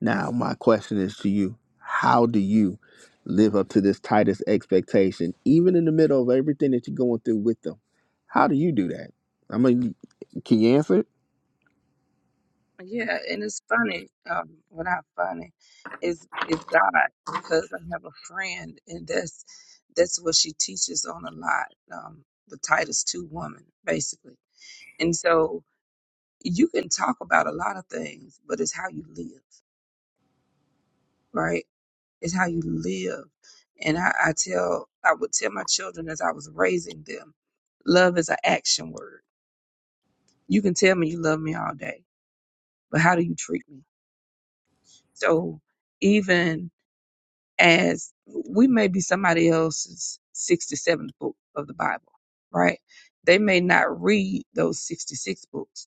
A: Now, my question is to you: How do you live up to this tightest expectation, even in the middle of everything that you're going through with them? How do you do that? I mean, can you answer? it?
E: Yeah, and it's funny. Um, well, not funny. Is is God because I have a friend, and that's that's what she teaches on a lot. Um, the Titus two woman, basically. And so you can talk about a lot of things, but it's how you live, right? It's how you live. And I, I tell, I would tell my children as I was raising them, love is an action word. You can tell me you love me all day, but how do you treat me? So even as we may be somebody else's 67th book of the Bible, right? They may not read those 66 books,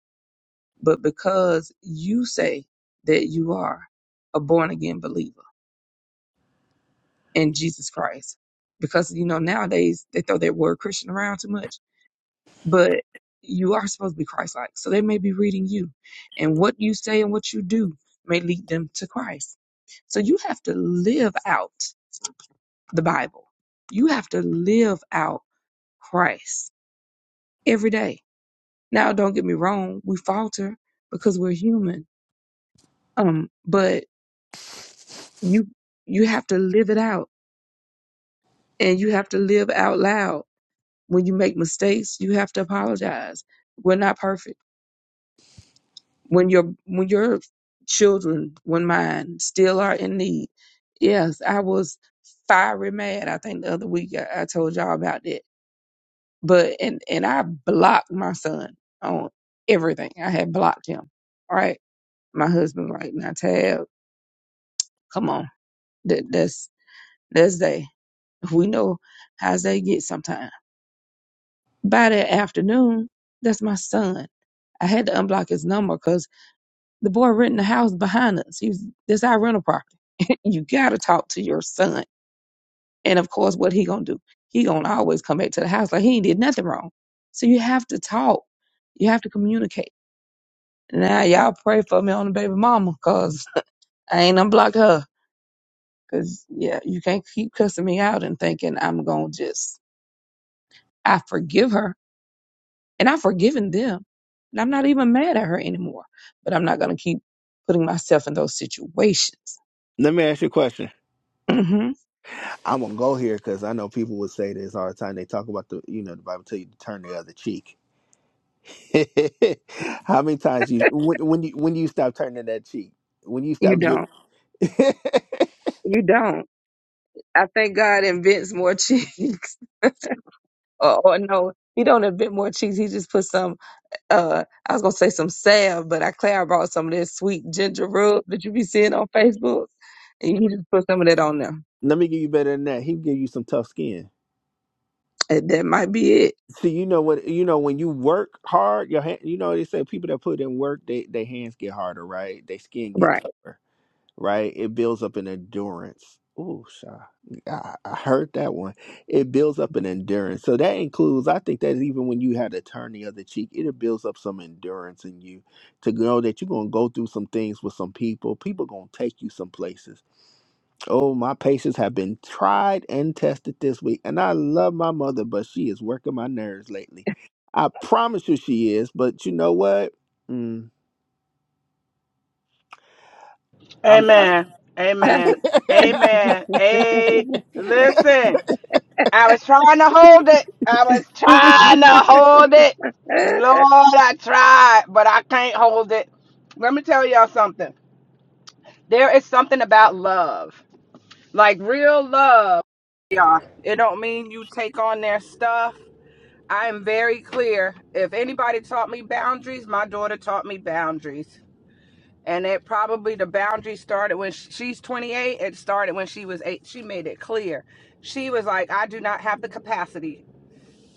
E: but because you say that you are a born again believer in Jesus Christ, because, you know, nowadays they throw that word Christian around too much, but you are supposed to be Christ like. So they may be reading you, and what you say and what you do may lead them to Christ. So you have to live out. the Bible. You have to live out Christ every day. Now, don't get me wrong, we falter because we're human. Um, but you you have to live it out and you have to live out loud. When you make mistakes, you have to apologize. We're not perfect. When your when your children, when mine, still are in need. Yes, I was fiery mad. I think the other week I, I told y'all about that But and and I blocked my son on everything. I had blocked him. All right. My husband like, now Tab, come on. That that's that's they. We know how they get sometimes. By that afternoon, that's my son. I had to unblock his number because the boy renting the house behind us. He's this our rental property. you gotta talk to your son. And of course, what he gonna do? He gonna always come back to the house like he ain't did nothing wrong. So you have to talk. You have to communicate Now y'all pray for me on the baby mama, cause I ain't unblock her. Cause yeah, you can't keep cussing me out and thinking I'm gonna just I forgive her and I've forgiven them. And I'm not even mad at her anymore. But I'm not gonna keep putting myself in those situations.
A: Let me ask you a question.
E: hmm
A: I'm gonna go here because I know people would say this all the time. They talk about the, you know, the Bible tell you to turn the other cheek. How many times you when, when you when you stop turning that cheek? When you
E: You
A: stop giving?
E: don't. You don't. I think God invents more cheeks. or, or no, he don't invent more cheeks. He just puts some uh I was gonna say some salve, but I Claire brought some of this sweet ginger rub that you be seeing on Facebook, and you just put some of that on there.
A: Let me give you better than that. He give you some tough skin.
E: And that might be it,
A: See, you know what? You know when you work hard, your hand. You know they say people that put in work, they their hands get harder, right? They skin get
E: right?
A: tougher. right? It builds up an endurance. Ooh, sha. I, I heard that one. It builds up an endurance. So that includes, I think that even when you had to turn the other cheek, it builds up some endurance in you to know that you're going to go through some things with some people. People going to take you some places. Oh, my patience have been tried and tested this week. And I love my mother, but she is working my nerves lately. I promise you she is, but you know what? Mm, I'm.
E: Well,
B: Amen.
E: Pastor,
B: Amen. Amen. A
E: working
B: listen. I was trying to hold it. I was trying to hold it. Lord, I tried, but I can't hold it. Let me tell y'all something. There is something about love. Like real love. Y'all. It don't mean you take on their stuff. I am very clear. If anybody taught me boundaries, my daughter taught me boundaries and it probably the boundary started when sh- she's 28 it started when she was 8 she made it clear she was like i do not have the capacity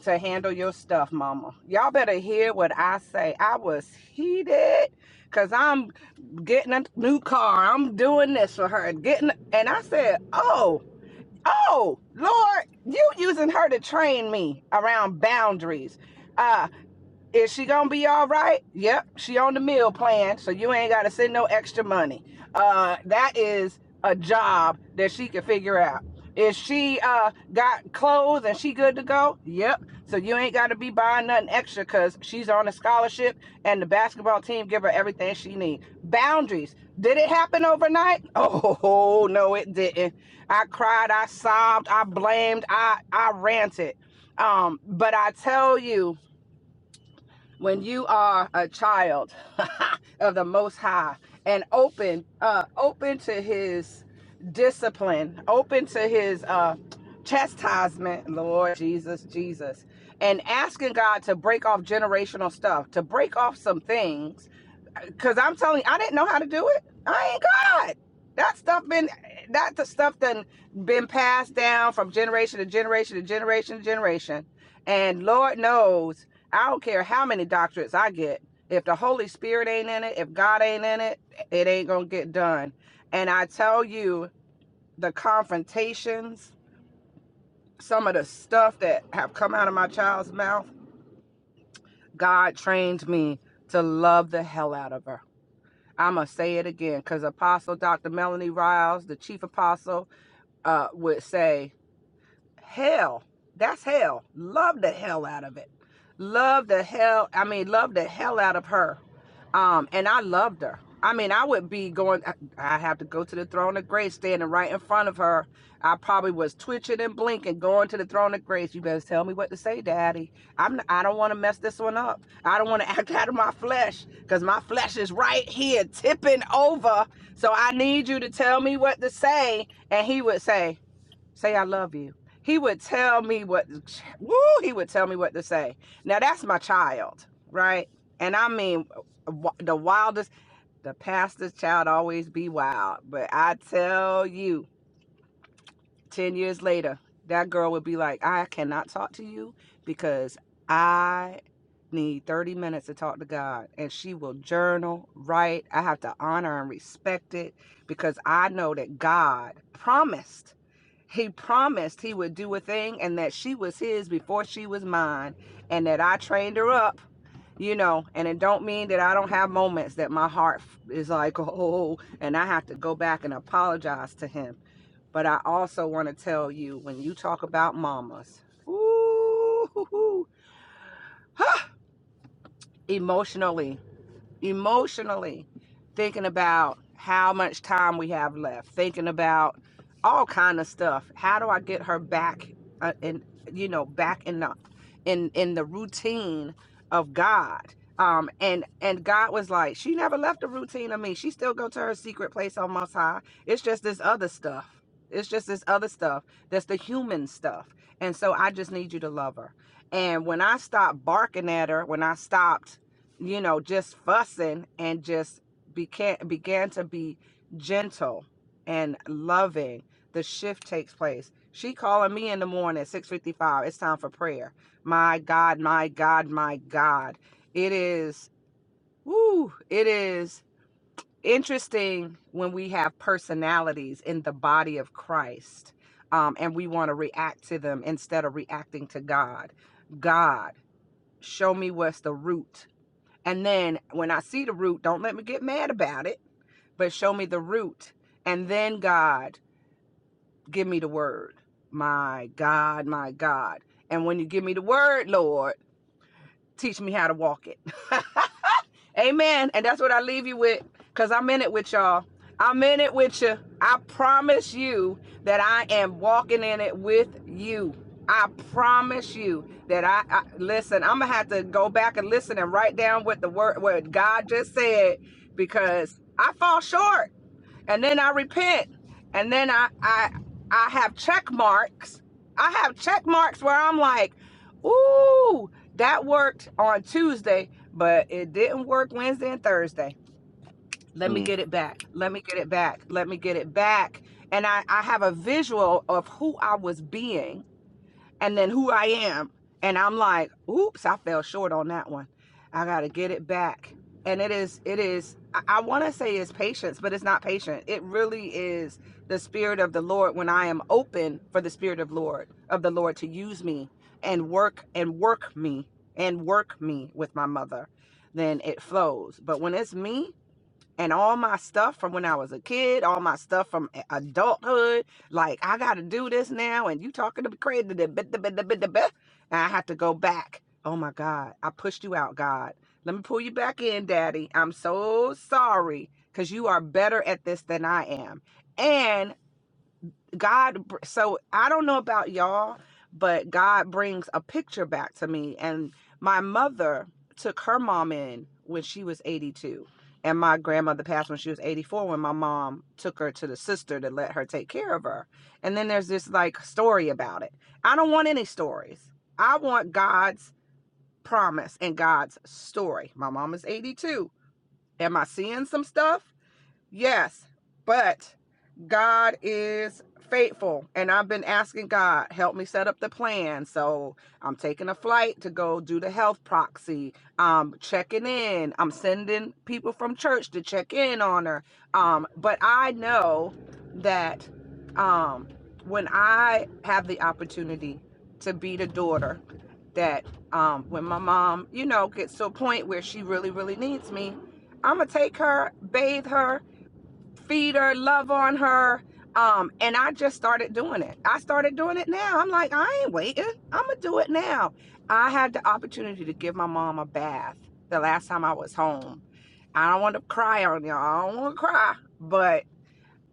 B: to handle your stuff mama y'all better hear what i say i was heated because i'm getting a new car i'm doing this for her getting and i said oh oh lord you using her to train me around boundaries Uh, is she gonna be all right? Yep, she on the meal plan, so you ain't gotta send no extra money. Uh, that is a job that she can figure out. Is she uh got clothes and she good to go? Yep. So you ain't gotta be buying nothing extra because she's on a scholarship and the basketball team give her everything she needs. Boundaries. Did it happen overnight? Oh no, it didn't. I cried, I sobbed, I blamed, I I ranted. Um, but I tell you when you are a child of the most high and open uh open to his discipline open to his uh chastisement lord jesus jesus and asking god to break off generational stuff to break off some things Cause I'm telling you, I didn't know how to do it. I ain't God. That stuff been that the stuff done been passed down from generation to generation to generation to generation. And Lord knows, I don't care how many doctorates I get. If the Holy Spirit ain't in it, if God ain't in it, it ain't gonna get done. And I tell you, the confrontations, some of the stuff that have come out of my child's mouth, God trained me to love the hell out of her I'm going to say it again because Apostle Dr. Melanie Riles, the chief apostle, uh, would say, hell. That's hell. Love the hell out of it. Love the hell. I mean, love the hell out of her. Um, and I loved her. I mean, I would be going. I, I have to go to the throne of grace, standing right in front of her. I probably was twitching and blinking, going to the throne of grace. You better tell me what to say, Daddy. I'm. I don't want to mess this one up. I don't want to act out of my flesh, cause my flesh is right here tipping over. So I need you to tell me what to say. And he would say, Say I love you. He would tell me what woo, he would tell me what to say. Now that's my child, right? And I mean the wildest the pastor's child always be wild, but I tell you 10 years later that girl would be like, "I cannot talk to you because I need 30 minutes to talk to God." And she will journal, write. I have to honor and respect it because I know that God promised he promised he would do a thing and that she was his before she was mine and that I trained her up, you know, and it don't mean that I don't have moments that my heart is like, oh, and I have to go back and apologize to him. But I also want to tell you when you talk about mamas, ooh, emotionally emotionally thinking about how much time we have left thinking about all kind of stuff how do i get her back uh, in you know back in the in in the routine of god um and and god was like she never left the routine of me she still go to her secret place on most high it's just this other stuff it's just this other stuff that's the human stuff and so i just need you to love her and when i stopped barking at her when i stopped you know, just fussing and just began began to be gentle and loving. The shift takes place. She calling me in the morning, 6:55. It's time for prayer. My God, my God, my God. It is woo, it is interesting when we have personalities in the body of Christ. Um, and we want to react to them instead of reacting to God. God, show me what's the root and then when I see the root, don't let me get mad about it, but show me the root. And then God, give me the word. My God, my God. And when you give me the word, Lord, teach me how to walk it. Amen. And that's what I leave you with because I'm in it with y'all. I'm in it with you. I promise you that I am walking in it with you. I promise you that I, I listen. I'm gonna have to go back and listen and write down what the word what God just said because I fall short and then I repent, and then I I I have check marks. I have check marks where I'm like, ooh, that worked on Tuesday, but it didn't work Wednesday and Thursday. Let me
A: Mm.
B: get it back. Let me get it back. Let me get it back. And I, I have a visual of who I was being and then who I am. And I'm like, oops, I fell short on that one. I got to get it back. And it is, it is, I, want to say it's patience, but it's not patient. It really is the spirit of the Lord when I am open for the spirit of Lord, of the Lord to use me and work and work me and work me with my mother, then it flows. But when it's me, and all my stuff from when I was a kid, all my stuff from a- adulthood. Like I got to do this now, and you talking to me crazy. da- bit- da- bit- da- da- And I had to go back. Oh my God, I pushed you out, God. Let me pull you back in, Daddy. I'm so sorry because you are better at this than I am. And God, so I don't know about y'all, but God brings a picture back to me. And my mother took her mom in when she was 82. And my grandmother passed when she was 84 when my mom took her to the sister to let her take care of her. And then there's this like story about it. I don't want any stories. I want God's promise and God's story. My mom is 82. Am I seeing some stuff? Yes, but God is faithful. And I've been asking God, help me set up the plan. So I'm taking a flight to go do the health proxy. I'm checking in. I'm sending people from church to check in on her. Um, but I know that um, when I have the opportunity to be the daughter, that um, when my mom, you know, gets to a point where she really, really needs me, I'm going to take her, bathe her, feed her, love on her. Um, and I just started doing it. I started doing it now. I'm like, I ain't waiting. I'm gonna do it now. I had the opportunity to give my mom a bath the last time I was home. I don't want to cry on y'all. I don't want to cry, but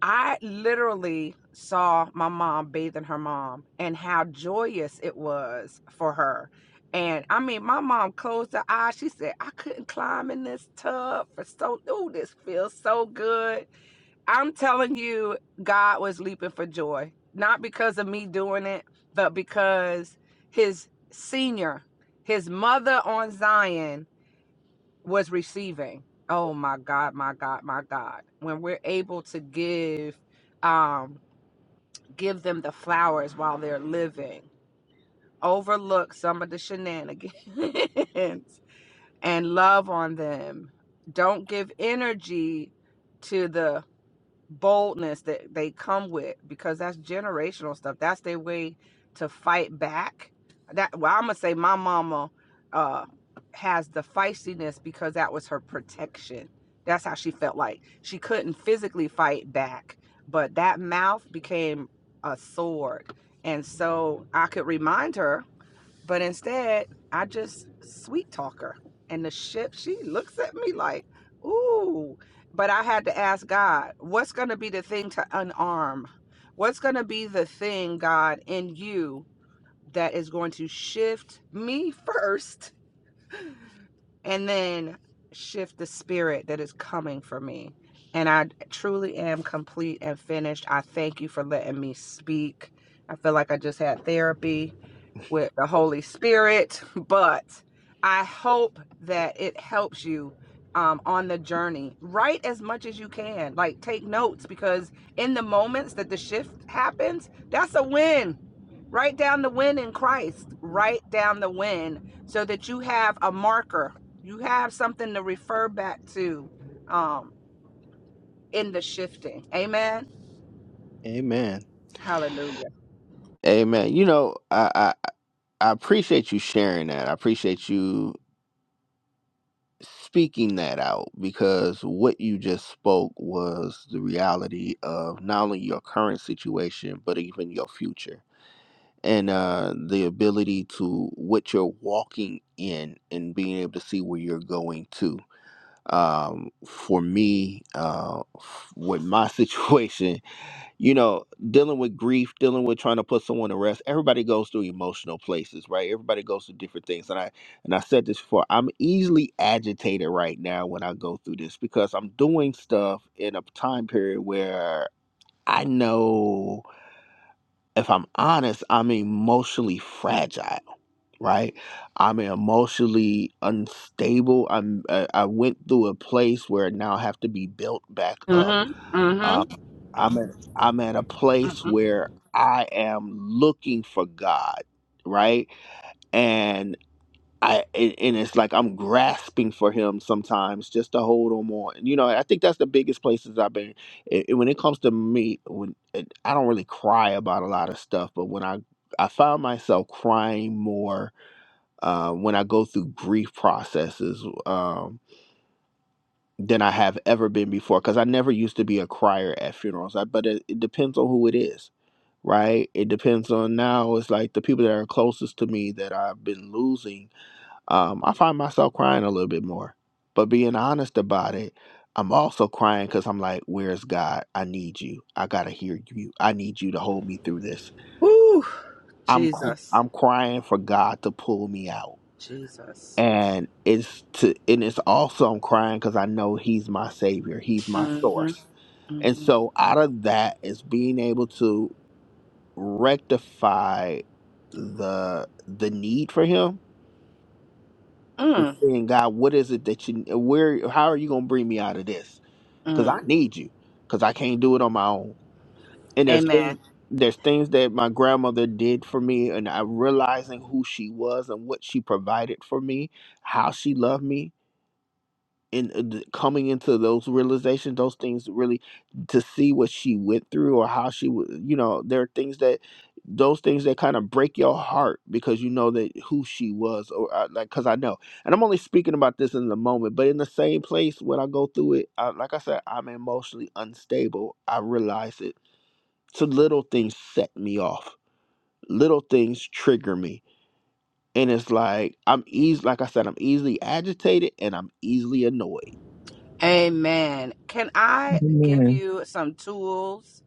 B: I literally saw my mom bathing her mom and how joyous it was for her. And I mean, my mom closed her eyes. She said, I couldn't climb in this tub for so, oh, this feels so good I'm telling you, God was leaping for joy, not because of me doing it, but because his senior, his mother on Zion was receiving. Oh my God, my God, my God. When we're able to give um give them the flowers while they're living, overlook some of the shenanigans and love on them. Don't give energy to the boldness that they come with because that's generational stuff. That's their way to fight back. That well, I'm gonna say my mama uh has the feistiness because that was her protection. That's how she felt like she couldn't physically fight back, but that mouth became a sword. And so I could remind her but instead, I just sweet talk her. And the ship, she looks at me like, ooh. But I had to ask God, what's going to be the thing to unarm? What's going to be the thing, God, in you that is going to shift me first and then shift the spirit that is coming for me? And I truly am complete and finished. I thank you for letting me speak. I feel like I just had therapy with the Holy Spirit, but I hope that it helps you um, on the journey. Write as much as you can. Like, take notes because in the moments that the shift happens, that's a win. Write down the win in Christ. Write down the win so that you have a marker. You have something to refer back to um, in the shifting. Amen.
A: Amen.
B: Hallelujah.
A: Amen. You know, I, I I appreciate you sharing that. I appreciate you speaking that out because what you just spoke was the reality of not only your current situation but even your future and uh the ability to what you're walking in and being able to see where you're going to um for me uh with my situation you know dealing with grief dealing with trying to put someone to rest everybody goes through emotional places right everybody goes through different things and i and i said this before i'm easily agitated right now when i go through this because i'm doing stuff in a time period where i know if i'm honest i'm emotionally fragile right? I'm emotionally unstable. I'm I, I went through a place where now I now have to be built back up.
B: Mm hmm. Mm
A: Um, I'm at I'm at a
B: hmm. Mm
A: place
B: hmm.
A: where I am looking for God, right? And I and and it's like I'm grasping for Him sometimes just to hold on more. And you know, I think that's the biggest places I've been. i i- when it comes to me, when it, I don't really cry about a lot of stuff, but when I I found myself crying more uh, when I go through grief processes um, than I have ever been before. Because I never used to be a crier at funerals, I, but it, it depends on who it is, right? It depends on now. It's like the people that are closest to me that I've been losing, um, I find myself crying a little bit more. But being honest about it, I'm also crying because I'm like, where's God? I need you. I gotta hear you. I need you to hold me through this.
B: Woo.
A: I'm cr-
B: Jesus.
A: I'm crying for God to pull me out
B: Jesus.
A: and it's to and it's also I'm crying because I know he's my savior, he's my
B: Mm-hmm,
A: source. And
B: mm-hmm.
A: so out of that is being able to rectify the the need for him.
B: Mm,
A: Just saying, God, what is it that you where how are you gonna bring me out of this? Because
B: mm.
A: I need you. Because I can't do it on my own. And there's
B: Amen.
A: things there's things that my grandmother did for me and I realizing who she was and what she provided for me, how she loved me and uh, th- coming into those realizations, those things really to see what she went through or how she was, you know, there are things that those things that kind of break your heart because you know that who she was or uh, like because I know, and I'm only speaking about this in the moment, but in the same place when I go through it, I, like I said, I'm emotionally unstable. I realize it. So little things set me off. Little things trigger me and it's like I'm easy. Like I said, I'm easily agitated and I'm easily annoyed.
B: Amen. Can I give
F: Amen.
B: you some tools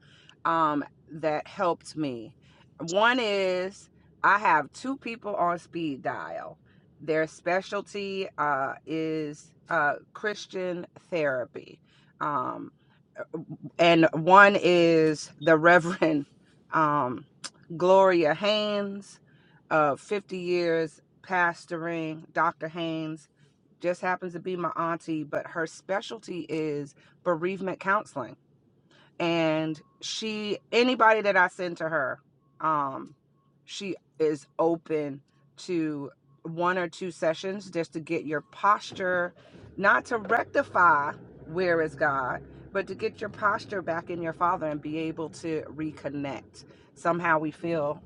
B: um, that helped me? One is I have two people on speed dial. Their specialty uh, is uh, Christian therapy. Um, and one is the Reverend um, Gloria Haynes, uh, 50 years pastoring. Dr. Haynes just happens to be my auntie, but her specialty is bereavement counseling and she anybody that I send to her, um, she is open to one or two sessions just to get your posture, not to rectify where is God, but to get your posture back in your Father and be able to reconnect. Somehow we feel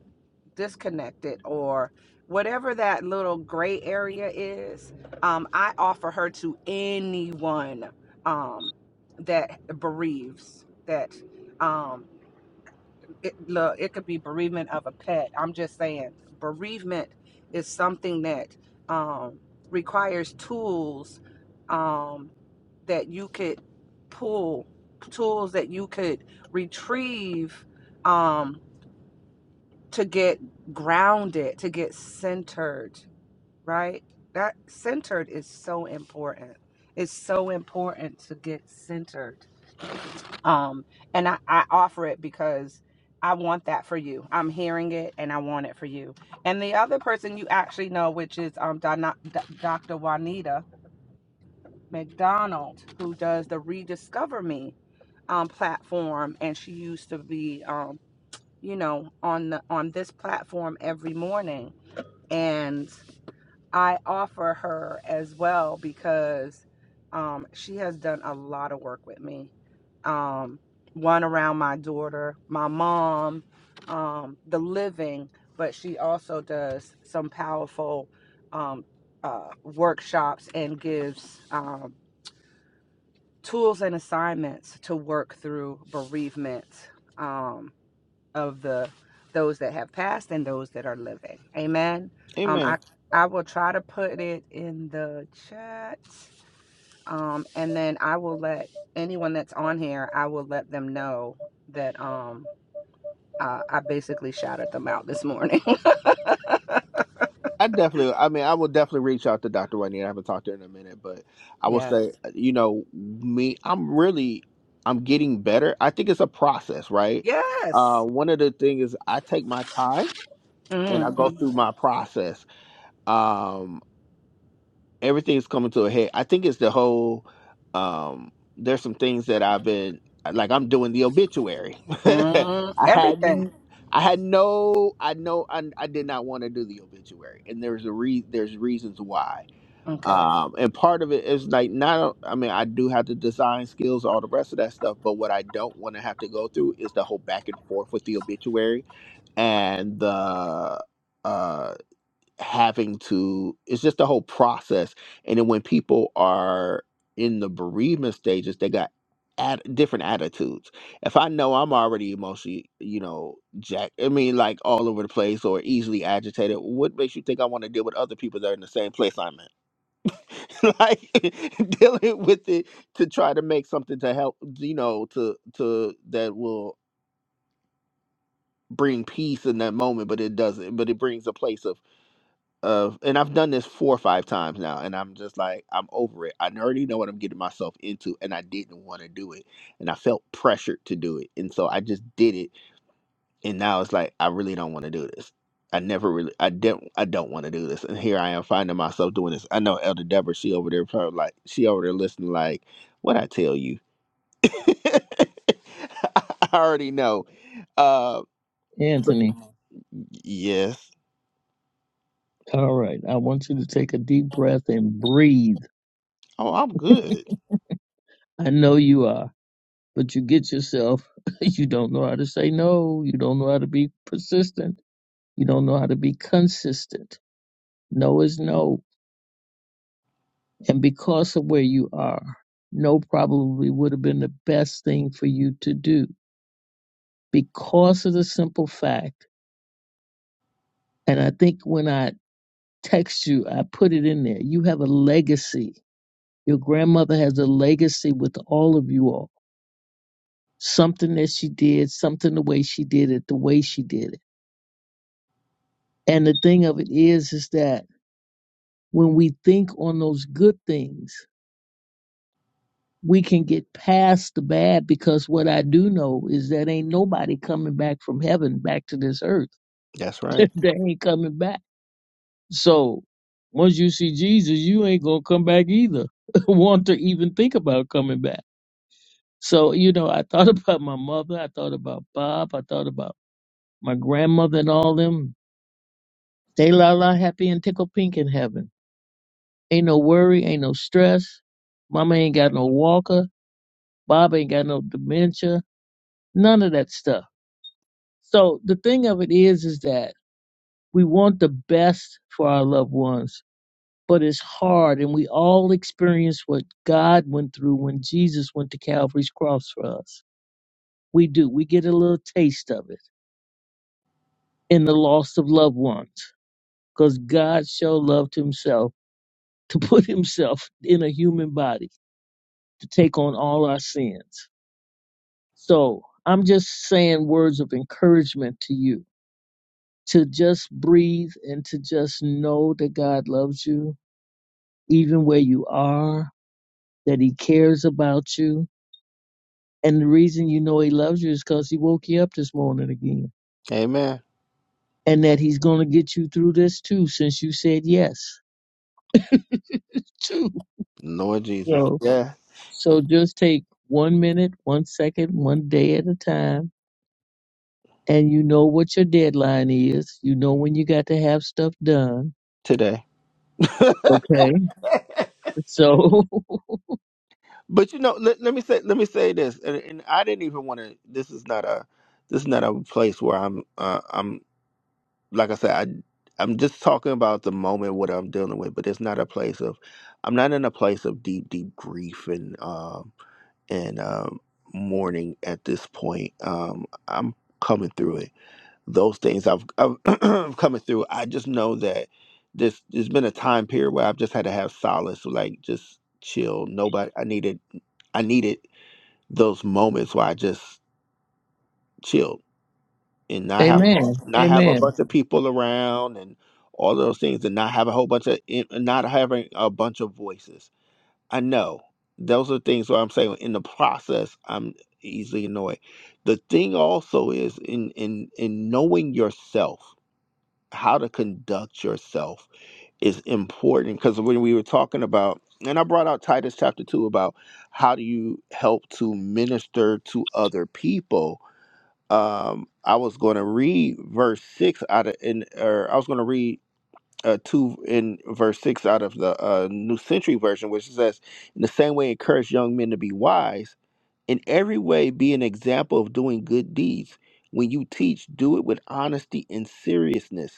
B: disconnected or whatever that little gray area is um, i offer her to anyone um, that bereaves that um, it, look it could be bereavement of a pet i'm just saying bereavement is something that um, requires tools um, that you could pull tools that you could retrieve um, to get grounded, to get centered, right? That centered is so important. It's so important to get centered. Um, and I, I offer it because I want that for you. I'm hearing it and I want it for you. And the other person you actually know, which is um, Donna, D- Dr. Juanita McDonald, who does the Rediscover Me um, platform. And she used to be, um, you know, on the on this platform every morning and I offer her as well because um, she has done a lot of work with me. Um, one around my daughter, my mom, um, the living, but she also does some powerful um, uh, workshops and gives um, tools and assignments to work through bereavement. Um, of the those that have passed and those that are living. Amen. Um,
A: Amen.
B: I I will try to put it in the chat, um, and then I will let anyone that's on here. I will let them know that um uh, I basically shouted them out this morning.
A: I definitely, I mean, I will definitely reach out to Dr. Whitney. I haven't talked to her in a minute, but I will
B: yes.
A: say, uh, you know, me, I'm really, I'm getting better. I think it's a process, right? Uh,
B: Yes.
A: one of the things is I take my time and
B: Mm,
A: I go
B: mm,
A: through my process. Um, everything's coming to a head. I think it's the whole um there's some things that I've been like I'm doing the obituary. I
B: mm, everything.
A: hadn't I had no I know I, I did not want to do the obituary and there's a re there's reasons why.
B: Okay.
A: Um and part of it is like not I mean I do have the design skills all the rest of that stuff but what I don't want to have to go through is the whole back and forth with the obituary and the uh having to it's just the whole process and then when people are in the bereavement stages they got at different attitudes if i know i'm already emotionally you know jack i mean like all over the place or easily agitated what makes you think i want to deal with other people that are in the same place i'm in like dealing with it to try to make something to help you know to to that will bring peace in that moment but it doesn't but it brings a place of of and I've done this four or five times now and I'm just like I'm over it. I already know what I'm getting myself into and I didn't want to do it and I felt pressured to do it. And so I just did it and now it's like I really don't want to do this. I never really I didn't I don't want to do this. And here I am finding myself doing this. I know Elder Deborah, she over there probably like she over there listening like, what I tell you. I already know. Uh but
F: Anthony,
A: yes.
F: all right. I want you to take a deep breath and breathe.
A: Oh I'm good.
F: I know you are, but you get yourself, you don't know how to say no. You don't know how to be persistent. You don't know how to be consistent. No is no. And because of where you are, no probably would have been the best thing for you to do because of the simple fact. And I think when I text you, I put it in there. You have a legacy Your grandmother has a legacy with all of you all. Something that she did, something the way she did it, the way she did it. And the thing of it is, is that when we think on those good things, we can get past the bad because what I do know is that ain't nobody coming back from heaven back to this earth.
A: That's right.
F: they ain't coming back. So once you see Jesus, you ain't gonna come back either. Want to even think about coming back. So, you know, I thought about my mother, I thought about Bob, I thought about my grandmother and all them, they la la happy and tickle pink in heaven. Ain't no worry, ain't no stress. Mama ain't got no walker. Bob ain't got no dementia. None of that stuff. So the thing of it is, is that we want the best for our loved ones, but it's hard. And we all experience what God went through when Jesus went to Calvary's cross for us. We do. We get a little taste of it in the loss of loved ones because God showed love to himself to put himself in a human body to take on all our sins. So I'm just saying words of encouragement to you to just breathe and to just know that God loves you, even where you are, that He cares about you. And the reason you know He loves you is because He woke you up this morning again.
A: Amen.
F: And that He's going to get you through this too, since you said yes, too.
A: Lord Jesus.
F: So,
A: Yeah,
F: so just take one minute, one second, one day at a time and you know what your deadline is. You know when you got to have stuff done.
A: today.
F: Okay. So,
A: But you know, let, let me say let me say this, and, and I didn't even want to. This is not a this is not a place where I'm uh, I'm like I said I I'm just talking about the moment what I'm dealing with, but it's not a place of I'm not in a place of deep deep grief and um and um mourning at this point. Um, I'm coming through it those things I've, I've coming through. I just know that this there's been a time period where I've just had to have solace, like just chill. Nobody, I needed, I needed those moments where I just chilled and not have
F: amen.
A: Mhm. not have a
F: Amen.
A: bunch of people around and all those things, and not have a whole bunch of in- not having a bunch of voices. I know those are things where I'm saying in the process I'm easily annoyed. The thing also is in in in knowing yourself how to conduct yourself is important because when we were talking about and i brought out titus chapter 2 about how do you help to minister to other people um i was going to read verse 6 out of in or i was going to read uh, 2 in verse 6 out of the uh, new century version which says in the same way encourage young men to be wise in every way be an example of doing good deeds when you teach do it with honesty and seriousness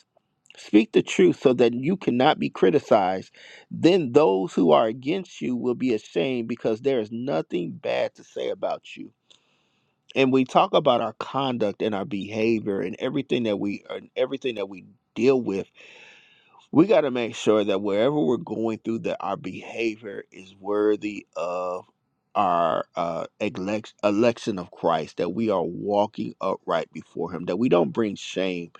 A: Speak the truth so that you cannot be criticized. Then those who are against you will be ashamed because there is nothing bad to say about you. And we talk about our conduct and our behavior and everything that we and everything that we deal with we got to make sure that wherever we're going through that our behavior is worthy of our uh, elect- election of christ that we are walking upright before him that we don't bring shame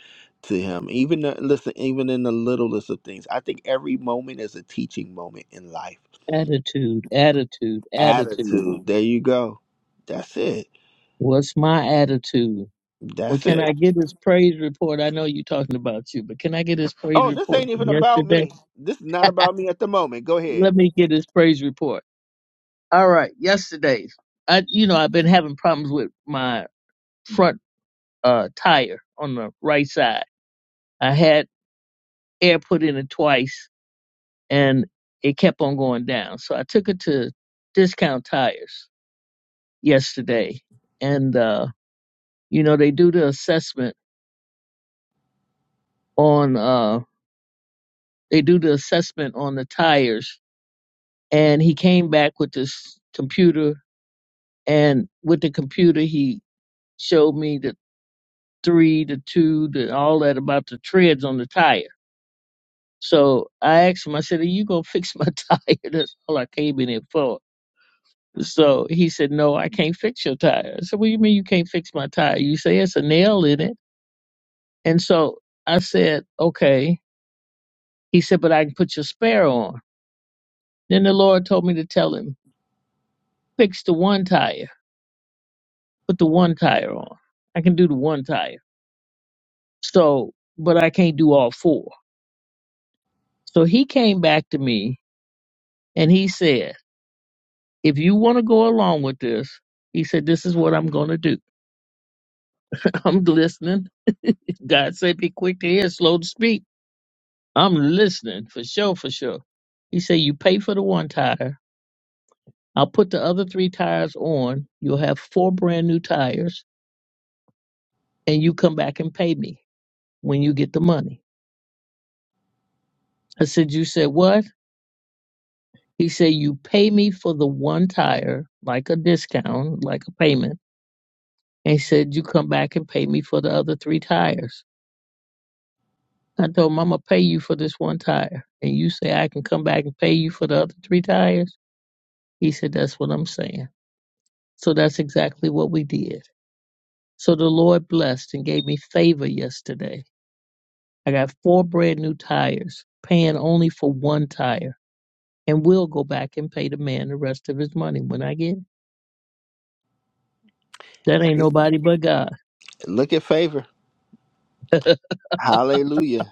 A: to him even the, listen even in the littlest of things i think every moment is a teaching moment in life
F: Attitude, attitude, attitude.
A: attitude there you go that's it
F: What's my attitude? Well,
A: that's
F: can I
A: it
F: get his praise report? I know you're talking about you, but can I get his praise
A: oh this
F: report
A: ain't
F: from
A: even about
F: yesterday?
A: me this is not about me at the moment go ahead
F: Let me get his praise report. All right. Yesterday, I, you know, I've been having problems with my front uh, tire on the right side. I had air put in it twice and it kept on going down. So I took it to Discount Tires yesterday, and uh, you know they do the assessment on uh, they do the assessment on the tires, and he came back with this computer, and with the computer he showed me the three, the two, the all that about the treads on the tire. So I asked him, I said, Are you gonna fix my tire? That's all I came in here for. So he said, No, I can't fix your tire. I said, What do you mean you can't fix my tire? You say it's a nail in it. And so I said, Okay. He said, But I can put your spare on. Then the Lord told me to tell him, Fix the one tire, put the one tire on. I can do the one tire. So, but I can't do all four. So he came back to me and he said, If you want to go along with this, he said, This is what I'm going to do. I'm listening. God said, Be quick to hear, slow to speak. I'm listening for sure, for sure. He said, You pay for the one tire. I'll put the other three tires on. You'll have four brand new tires, and you come back and pay me when you get the money. I said, You said what? He said, You pay me for the one tire, like a discount, like a payment. And he said, You come back and pay me for the other three tires. I told him, I'm going to pay you for this one tire. And you say, I can come back and pay you for the other three tires? He said, That's what I'm saying. So that's exactly what we did. So the Lord blessed and gave me favor yesterday. I got four brand new tires, paying only for one tire, and we'll go back and pay the man the rest of his money when I get it. That ain't
A: Hey,
F: nobody but God.
A: look at favor hallelujah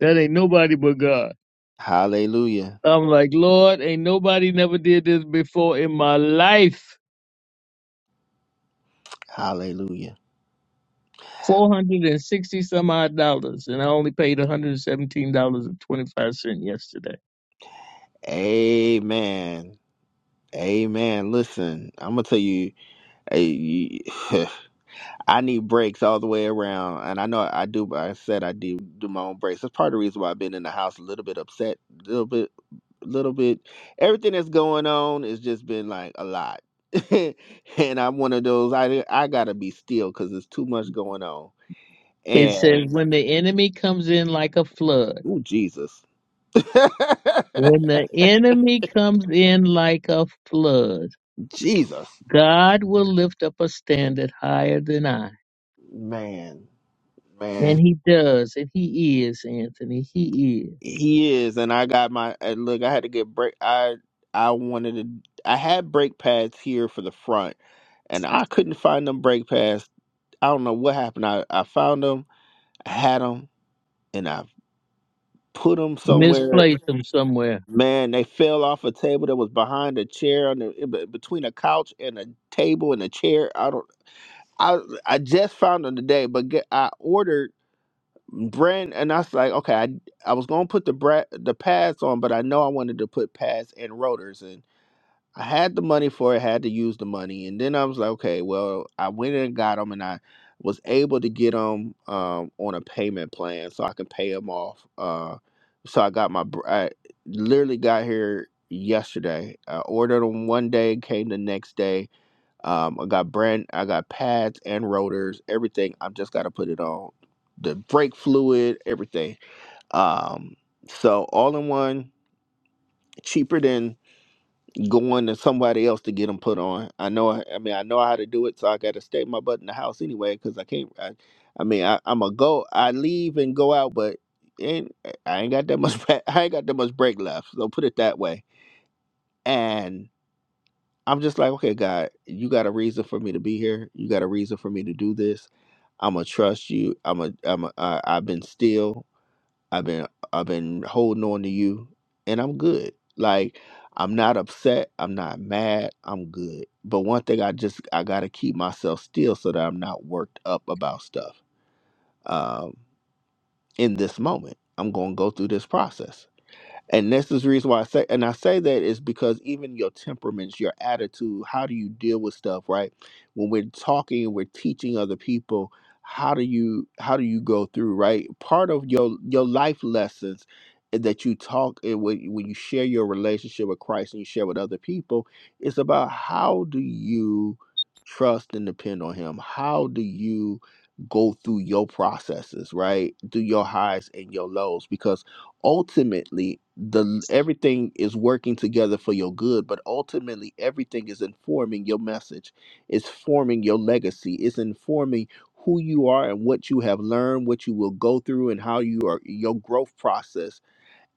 F: That ain't nobody but God.
A: Hallelujah.
F: I'm like, Lord, ain't nobody never did this before in my life.
A: Hallelujah.
F: Four hundred and sixty some odd dollars, and I only paid one hundred and seventeen dollars and twenty five cent yesterday.
A: Amen. Amen. Listen, I'm gonna tell you, eh, you- I need breaks all the way around, and I know I do. but I said I do do my own breaks. That's part of the reason why I've been in the house a little bit upset, a little bit, little bit. Everything that's going on has just been like a lot, and I'm one of those. I I gotta be still because there's too much going on.
F: It
A: And
F: says when the enemy comes in like a flood.
A: oh Jesus,
F: When the enemy comes in like a flood,
A: Jesus,
F: God will lift up a standard higher than I.
A: man. man.
F: And he does, and he is, Anthony. He is.
A: He is, and I got my and look. I had to get break. I I wanted to. I had brake pads here for the front, and I couldn't find them brake pads. I don't know what happened. I I found them, I had them, and I put them somewhere.
F: Misplaced him somewhere.
A: Man, they fell off a table that was behind a chair on the in be- between a couch and a table and a chair. I don't. I I just found them today, but get, I ordered. brand and I was like, okay, I I was gonna put the bra- the pads on, but I know I wanted to put pads and rotors, and I had the money for it, had to use the money, and then I was like, okay, well, I went and got them, and I was able to get them um, on a payment plan, so I can pay them off. Uh, so I got my, br- I literally got here yesterday. I ordered them one day, came the next day um, I got brand, I got pads and rotors, everything. I've just got to put it on the brake fluid, everything. Um, so all in one, cheaper than going to somebody else to get them put on. I know, I, I mean, I know how to do it, so I got to stay my butt in the house anyway because I can't. I, I mean, I, I'm a go. I leave and go out, but ain't I ain't got that much. I ain't got that much brake left. So put it that way. And I'm just like, okay, God, you got a reason for me to be here. You got a reason for me to do this. I'm gonna trust you. I'm a, I'm a, I, I've been still. I've been, I've been holding on to you, and I'm good. Like, I'm not upset. I'm not mad. I'm good. But one thing, I just, I gotta keep myself still so that I'm not worked up about stuff. Um, in this moment, I'm gonna go through this process and this is the reason why I say, and I say that is because even your temperaments, your attitude, how do you deal with stuff, right? When we're talking and we're teaching other people, how do you how do you go through, right? Part of your your life lessons that you talk and when when you share your relationship with Christ and you share with other people, it's about how do you trust and depend on Him? How do you go through your processes, right? Through your highs and your lows, because ultimately the everything is working together for your good but ultimately everything is informing your message it's forming your legacy it's informing who you are and what you have learned what you will go through and how you are your growth process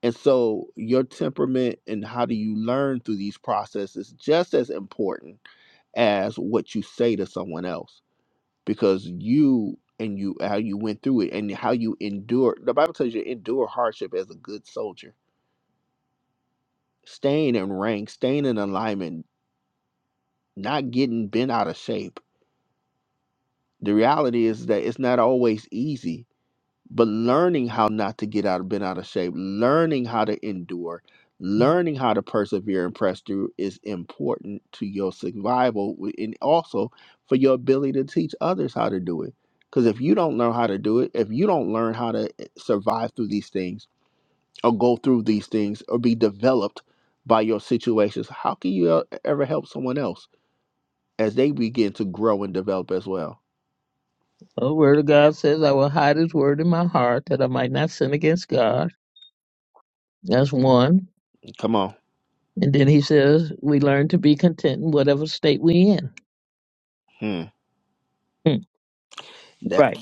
A: and so your temperament and how do you learn through these processes just as important as what you say to someone else because you and you how you went through it and how you endure the bible tells you to endure hardship as a good soldier staying in rank staying in alignment not getting bent out of shape the reality is that it's not always easy but learning how not to get out of bent out of shape, learning how to endure, learning how to persevere and press through is important to your survival w- and also for your ability to teach others how to do it. Because if you don't learn how to do it, if you don't learn how to eh, survive through these things or go through these things or be developed by your situations, how can you e- ever help someone else as they begin to grow and develop as well?
F: Well, The word of God says, I will hide his word in my heart that I might not sin against God. That's one.
A: Come on.
F: And then he says, we learn to be content in whatever state we in.
A: Hmm.
F: Hmm,
A: That
F: Right.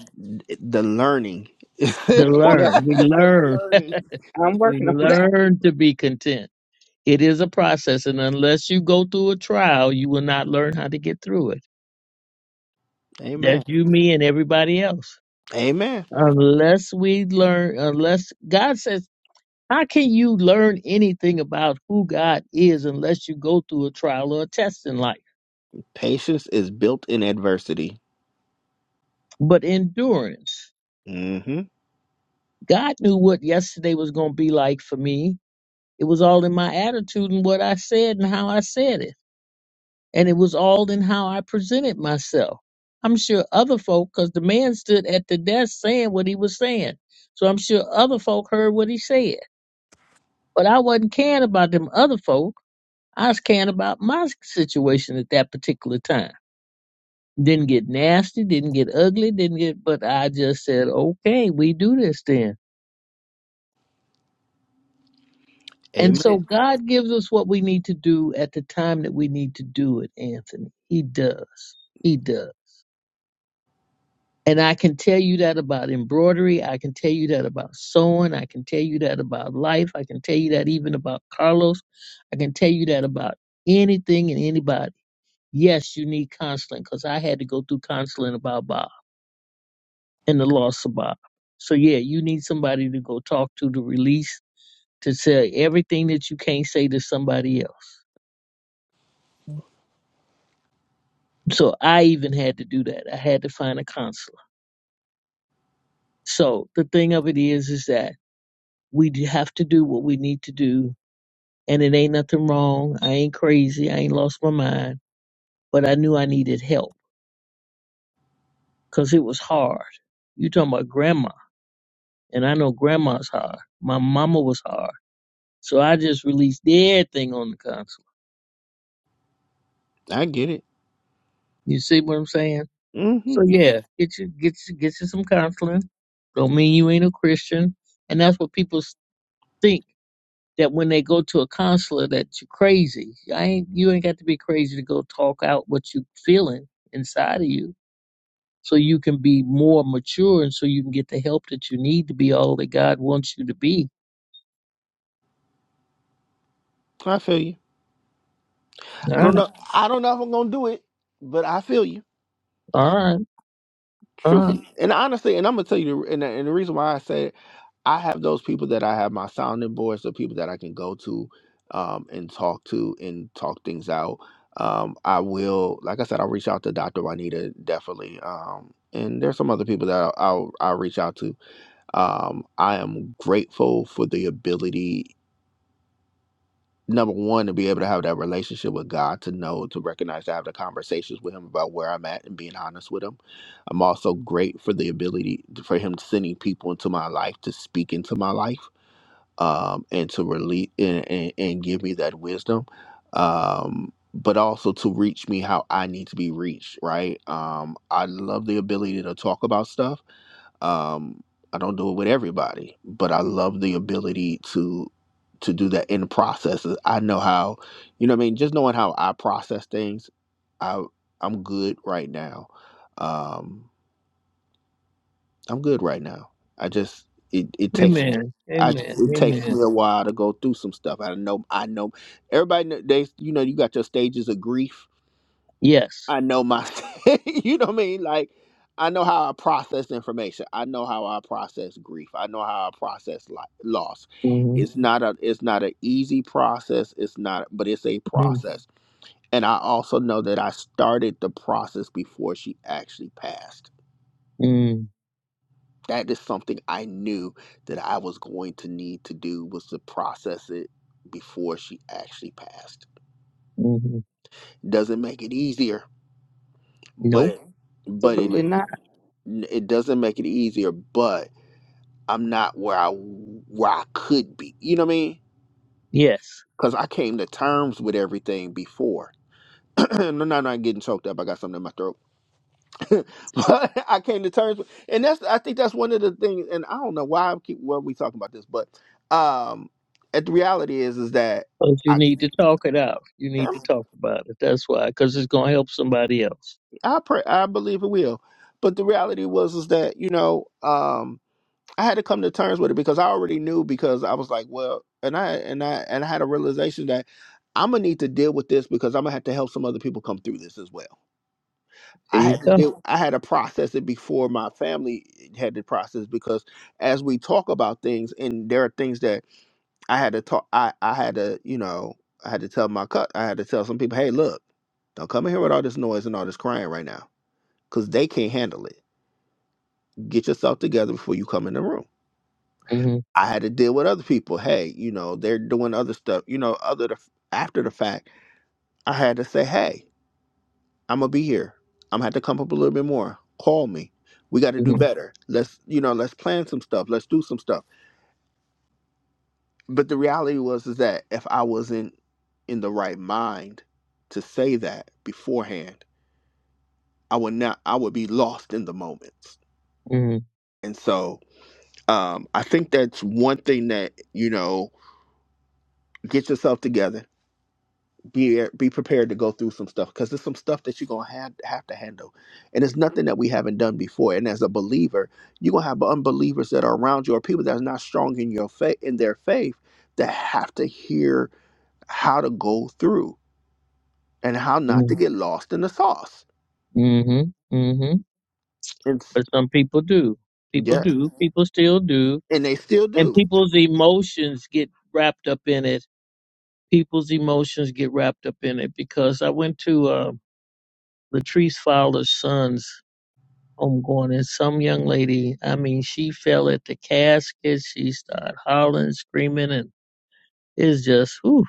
A: the learning.
F: To
E: on that.
F: learn. We
A: the
F: learn.
A: learning.
E: I'm
F: We
E: working on that.
F: learn to be content. It is a process, and unless you go through a trial, you will not learn how to get through it. That's
A: Amen.
F: you, me, and everybody else.
A: Amen.
F: Unless we learn, unless God says, how can you learn anything about who God is unless you go through a trial or a test in life?
A: Patience is built in adversity.
F: But endurance,
A: hmm
F: God knew what yesterday was going to be like for me. It was all in my attitude and what I said and how I said it. and it was all in how I presented myself. I'm sure other folk, because the man stood at the desk saying what he was saying, so I'm sure other folk heard what he said. But I wasn't caring about them other folk. I was caring about my situation at that particular time. Didn't get nasty, didn't get ugly, didn't get. But I just said, okay, we do this then. And so
A: Amen.
F: God gives us what we need to do at the time that we need to do it, Anthony. He does. He does. And I can tell you that about embroidery. I can tell you that about sewing. I can tell you that about life. I can tell you that even about Carlos. I can tell you that about anything and anybody. Yes, you need counseling because I had to go through counseling about Bob and the loss of Bob. So, yeah, you need somebody to go talk to to release, to say everything that you can't say to somebody else. So, I even had to do that. I had to find a counselor. So, the thing of it is, is that we do have to do what we need to do and it ain't nothing wrong. I ain't crazy. I ain't lost my mind. But I knew I needed help because it was hard. You talking about grandma, and I know grandma's hard. My mama was hard. So I just released everything on the counselor.
A: I get it.
F: You see what I'm saying?
A: hmm
F: So yeah, get you get you get you some counseling. Don't mean you ain't a Christian. And that's what people s- think that when they go to a counselor that you're crazy. I ain't you ain't got to be crazy to go talk out what you feeling inside of you so you can be more mature and so you can get the help that you need to be all that God wants you to be.
A: I feel you.
F: All
A: I don't
F: right,
A: know. I don't know if I'm gonna do it, but I feel you.
F: all right, all right.
A: Truthfully and honestly, and I'm gonna tell you, the, and, the, and the reason why I say I have those people that I have my sounding boards, the people that I can go to um, and talk to and talk things out. Um, I will, like I said, I'll reach out to Dr. Juanita definitely. Um, and there's some other people that I'll, I'll, I'll reach out to. Um, I am grateful for the ability, number one, to be able to have that relationship with God, to know, to recognize, to have the conversations with Him about where I'm at and being honest with Him. I'm also great for the ability for Him sending people into my life to speak into my life um, and to release and, and, and give me that wisdom um, but also to reach me how i need to be reached right um, i love the ability to talk about stuff um, i don't do it with everybody but i love the ability to to do that in the processes i know how you know what i mean just knowing how i process things i i'm good right now um I'm good right now. I just it it takes
F: Amen,
A: I
F: amen,
A: it takes
F: amen.
A: me a while to go through some stuff. I know I know everybody kn- they you know you got your stages of grief.
F: Yes.
A: I know my you know what I mean like I know how I process information. I know how I process grief. I know how I process li loss.
F: Mm-hmm.
A: It's not a it's not an easy process. It's not but it's a process. And I also know that I started the process before she actually passed
F: Mm-hmm.
A: That is something I knew that I was going to need to do was to process it before she actually passed. Doesn't make it easier, but
F: Nope.
A: it, but it
E: Absolutely not.
A: it doesn't make it easier, but I'm not where I where I could be. You know what I mean?
F: Yes.
A: Cuz I came to terms with everything before. no, no, no, I'm getting choked up. I got something in my throat but I came to terms with, and that's I think that's one of the things, and I don't know why I keep where we talking about this, but um, at the reality is is that
F: But you
A: I
F: need to talk it out. You need to talk about it. That's why, because it's going to help somebody else.
A: I pray I believe it will, but the reality was is that you know um I had to come to terms with it because I already knew because I was like well and I and I and I had a realization that I'm gonna need to deal with this because I'm gonna have to help some other people come through this as well
F: There
A: I
F: you
A: had to
F: go.
A: do I had to process it before my family had to process because as we talk about things and there are things that I had to talk I, I had to, you know, I had to tell my cut I had to tell some people, hey look, don't come in here with all this noise and all this crying right now. Cause they can't handle it. Get yourself together before you come in the room.
F: Mm-hmm.
A: I had to deal with other people. Hey, you know, they're doing other stuff, you know, other the, after the fact. I had to say, hey, I'm gonna be here. I'm gonna have to come up a little bit more. Call me. We got to do
F: Mm-hmm.
A: better. Let's you know, let's plan some stuff. Let's do some stuff. But the reality was is that if I wasn't in the right mind to say that beforehand, I would not. I would be lost in the moments. And so um, I think that's one thing that you know, get yourself together be be prepared to go through some stuff because there's some stuff that you're gonna have, have to handle, and it's nothing that we haven't done before. And as a believer, you're gonna have unbelievers that are around you or people that's not strong in your faith in their faith that have to hear how to go through and how not
F: Mm-hmm.
A: to get lost in the sauce.
F: Mm-hmm. Mm-hmm.
A: And s-
F: But some people do. People
A: yeah,
F: do. People still do.
A: and they still
F: And
A: do.
F: people's emotions get wrapped up in it people's emotions get wrapped up in it because I went to uh, Latrice Fowler's son's homegoing, and some young lady, I mean, she fell at the casket. She started howling, screaming, and it's just, whew,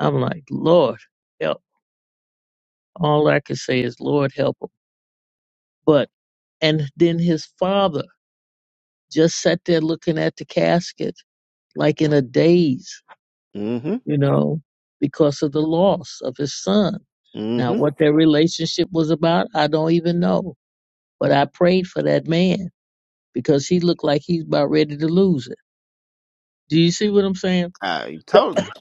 F: I'm like, Lord, help. All I could say is, Lord, help him. But, and then his father just sat there looking at the casket like in a daze,
A: Mm-hmm.
F: you know, because of the loss of his son. Now,
A: Mm-hmm.
F: what their relationship was about, I don't even know But I prayed for that man because he looked like he's about ready to lose it. Do you see what I'm saying?
A: I totally.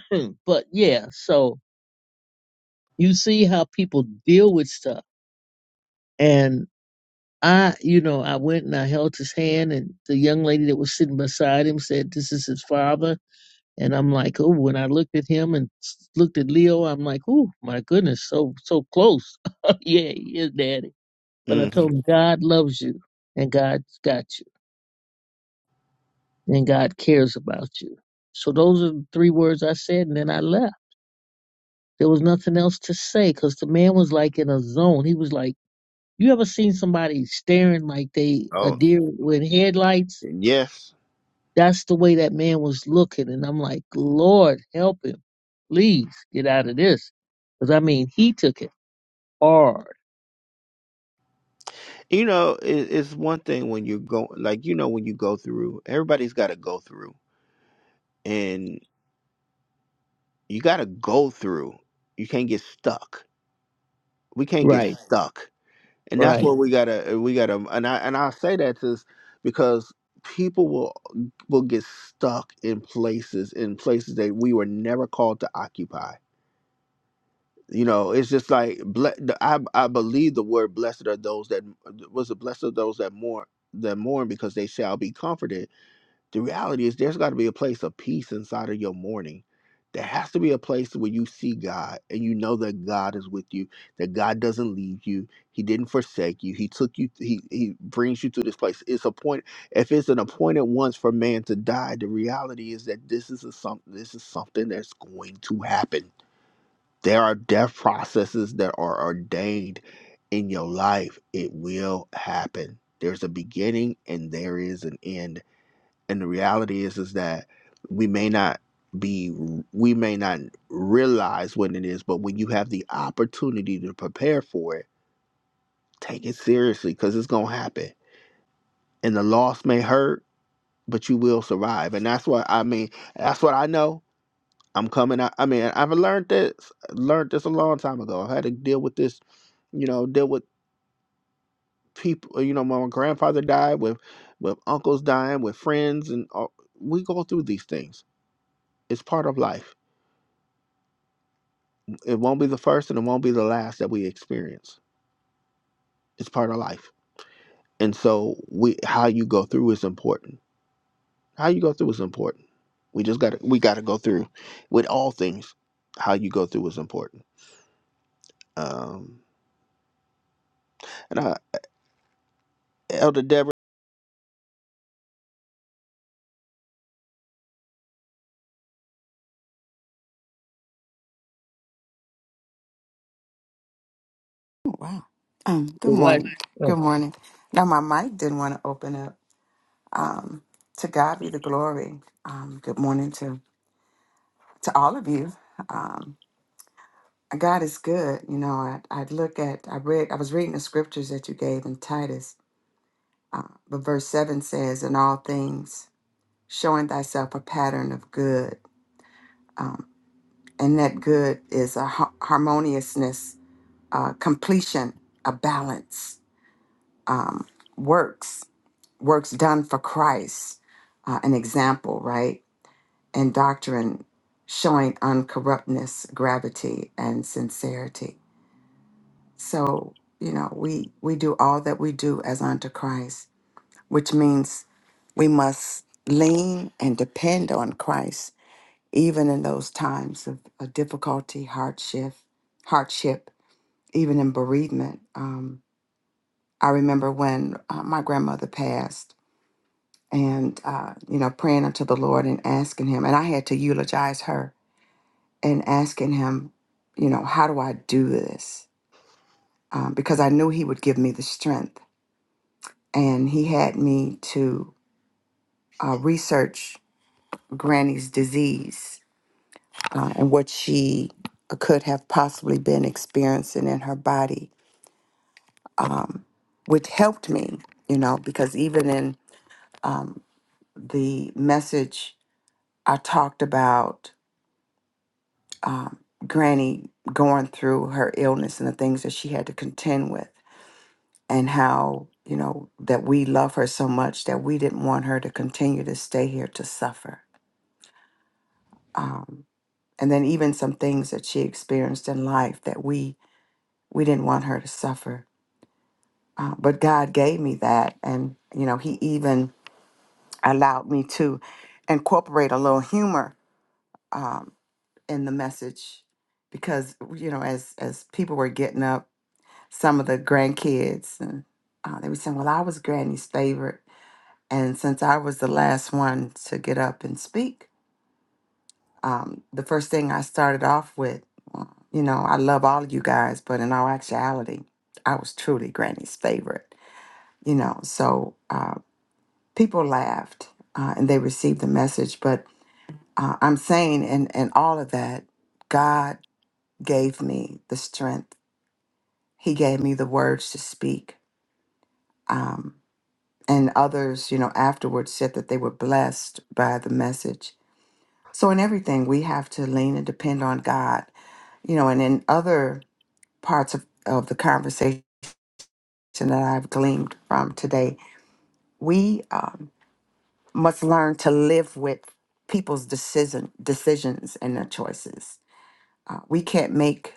F: So- but yeah, so you see how people deal with stuff. And I, you know, I went and I held his hand, and the young lady that was sitting beside him said, This is his father. And I'm like, oh, when I looked at him and s- looked at Leo, I'm like, oh, my goodness, so so close. yeah, he is daddy. But I
A: Mm-hmm.
F: told him, God loves you and God's got you. and God cares about you. So those are the three words I said, and then I left. There was nothing else to say because the man was like in a zone. He was like, you ever seen somebody staring like they a
A: Oh
F: deer with headlights?
A: yes.
F: That's the way that man was looking, and I'm like, Lord, help him, please get out of this, because I mean, he took it hard.
A: You know, it, it's one thing when you go like you know when you go through. Everybody's got to go through and you got to go through. You can't get stuck. We can't get Right.
F: Right,
A: stuck, and that's
F: right.
A: what we gotta. uh, We gotta. um, And I and I say that is because people will will get stuck in places in places that we were never called to occupy. You know, it's just like ble- the- I I believe the word blessed are those that was the blessed are those that mourn that mourn because they shall be comforted The reality is there's got to be a place of peace inside of your mourning. There has to be a place where you see God and you know that God is with you, that God doesn't leave you. He didn't forsake you. He took you, he, he brings you to this place. It's a point, if it's an appointed once for man to die, the reality is that this is a some. this is something that's going to happen. There are death processes that are ordained in your life. It will happen. There's a beginning and there is an end and the reality is is that we may not be we may not realize what it is but when you have the opportunity to prepare for it take it seriously because it's gonna happen and the loss may hurt but you will survive and that's what i mean that's what i know i'm coming out i mean i've learned this learned this a long time ago i had to deal with this you know deal with people you know my grandfather died with with uncles dying with friends and all, we go through these things it's part of life it won't be the first and it won't be the last that we experience. It's part of life. And so we how you go through is important. How you go through is important. We just got to we got to go through with all things. How you go through is important. Um and I Elder Deborah
G: Oh, Wow. Um, good
F: But What?
G: morning. Good morning. Now my mic didn't want to open up. Um, to God be the glory. Um, good morning to to all of you. Um, God is good. You know, I I look at I read I was reading the scriptures that you gave in Titus, uh, but verse seven says, "In all things, showing thyself a pattern of good, um, and that good is a har- harmoniousness, uh, completion, a balance, um, works." works done for Christ, uh, an example, right? And doctrine showing uncorruptness, gravity, and sincerity. So, you know, we, we do all that we do as unto Christ, which means we must lean and depend on Christ, even in those times of, of difficulty, hardship, hardship, even in bereavement. Um, I remember when uh, my grandmother passed, and uh, you know praying unto the lord and asking him and i had to eulogize her and asking him you know how do i do this um, because i knew he would give me the strength and he had me to uh, research granny's disease uh, and what she could have possibly been experiencing in her body um, which helped me you know because even in um, the message i talked about um, Granny going through her illness and the things that she had to contend with, and how, you know, that we love her so much that we didn't want her to continue to stay here to suffer. Um, and then even some things that she experienced in life that we we didn't want her to suffer. Uh, but God gave me that, and you know, He even allowed me to incorporate a little humor um, in the message because you know, as as people were getting up some of the grandkids, and uh, they were saying, "Well, I was Granny's favorite, and since I was the last one to get up and speak, um, the first thing I started off with, uh, you know, I love all of you guys, but in all actuality, I was truly Granny's favorite, you know." So uh, people laughed uh, and they received the message, but uh, I'm saying, and and all of that, God gave me the strength. He gave me the words to speak. Um, and others, you know, afterwards said that they were blessed by the message. So in everything, we have to lean and depend on God, you know, and in other parts of, of the conversation that I've gleaned from today, we um, must learn to live with people's decision decisions and their choices. Uh, we can't make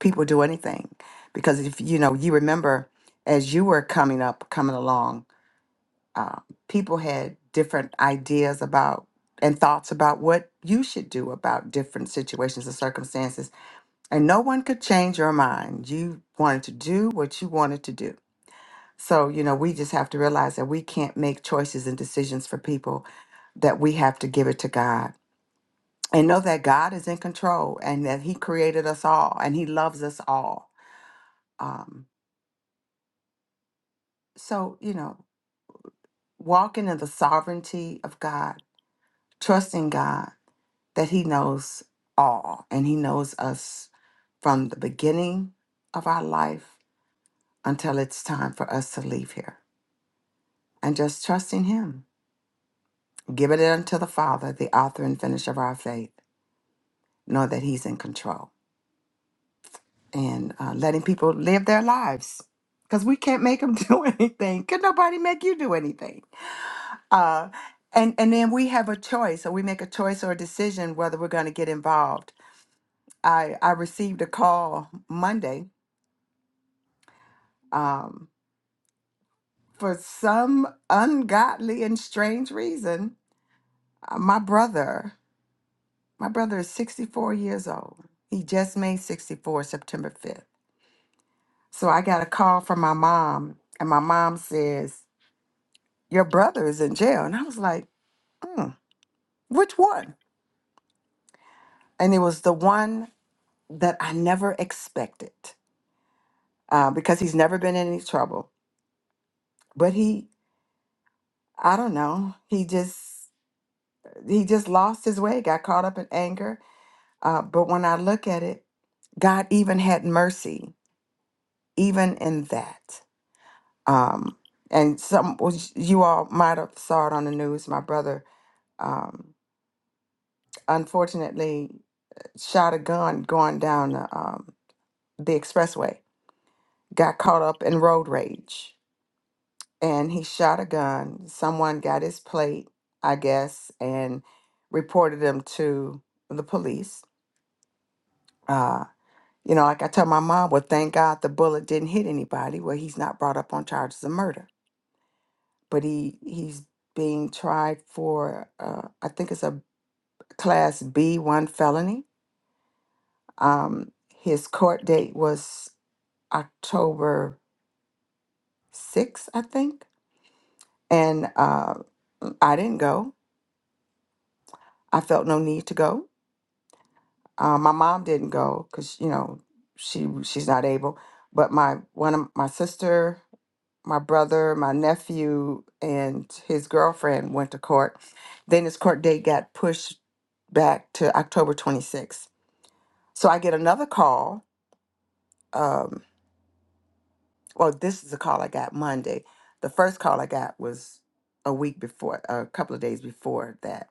G: people do anything because if you know, you remember as you were coming up, coming along. uh, people had different ideas about and thoughts about what you should do about different situations and circumstances. And no one could change your mind. You wanted to do what you wanted to do. So, you know, we just have to realize that we can't make choices and decisions for people, that we have to give it to God. And know that God is in control and that He created us all and He loves us all. Um, so, you know, walking in the sovereignty of God, trusting God that He knows all and He knows us from the beginning of our life until it's time for us to leave here. And just trusting Him, giving it unto the Father, the author and finisher of our faith, know that He's in control and uh, letting people live their lives because we can't make them do anything. Could nobody make you do anything? Uh, and, and then we have a choice, or we make a choice or a decision whether we're going to get involved. I, I received a call Monday. Um, for some ungodly and strange reason, uh, my brother, my brother is 64 years old. He just made 64 September 5th. So I got a call from my mom, and my mom says, Your brother is in jail. And I was like, hmm, Which one? And it was the one that I never expected uh, because he's never been in any trouble. But he, I don't know, he just, he just lost his way, got caught up in anger. Uh, but when I look at it, God even had mercy, even in that. Um, and some which you all might have saw it on the news. My brother, um, unfortunately, shot a gun going down the, um, the expressway. Got caught up in road rage, and he shot a gun. Someone got his plate, I guess, and reported him to the police. Uh, you know, like I tell my mom, well, thank God the bullet didn't hit anybody. Well, he's not brought up on charges of murder but he he's being tried for uh, I think it's a class B one felony. Um, his court date was October sixth, I think, and uh, I didn't go. I felt no need to go. Uh, my mom didn't go because you know she she's not able. But my one of my sister, my brother, my nephew, and his girlfriend went to court. Then his court date got pushed back to October 26th. So I get another call. Um, well, this is a call I got Monday. The first call I got was a week before, a couple of days before that.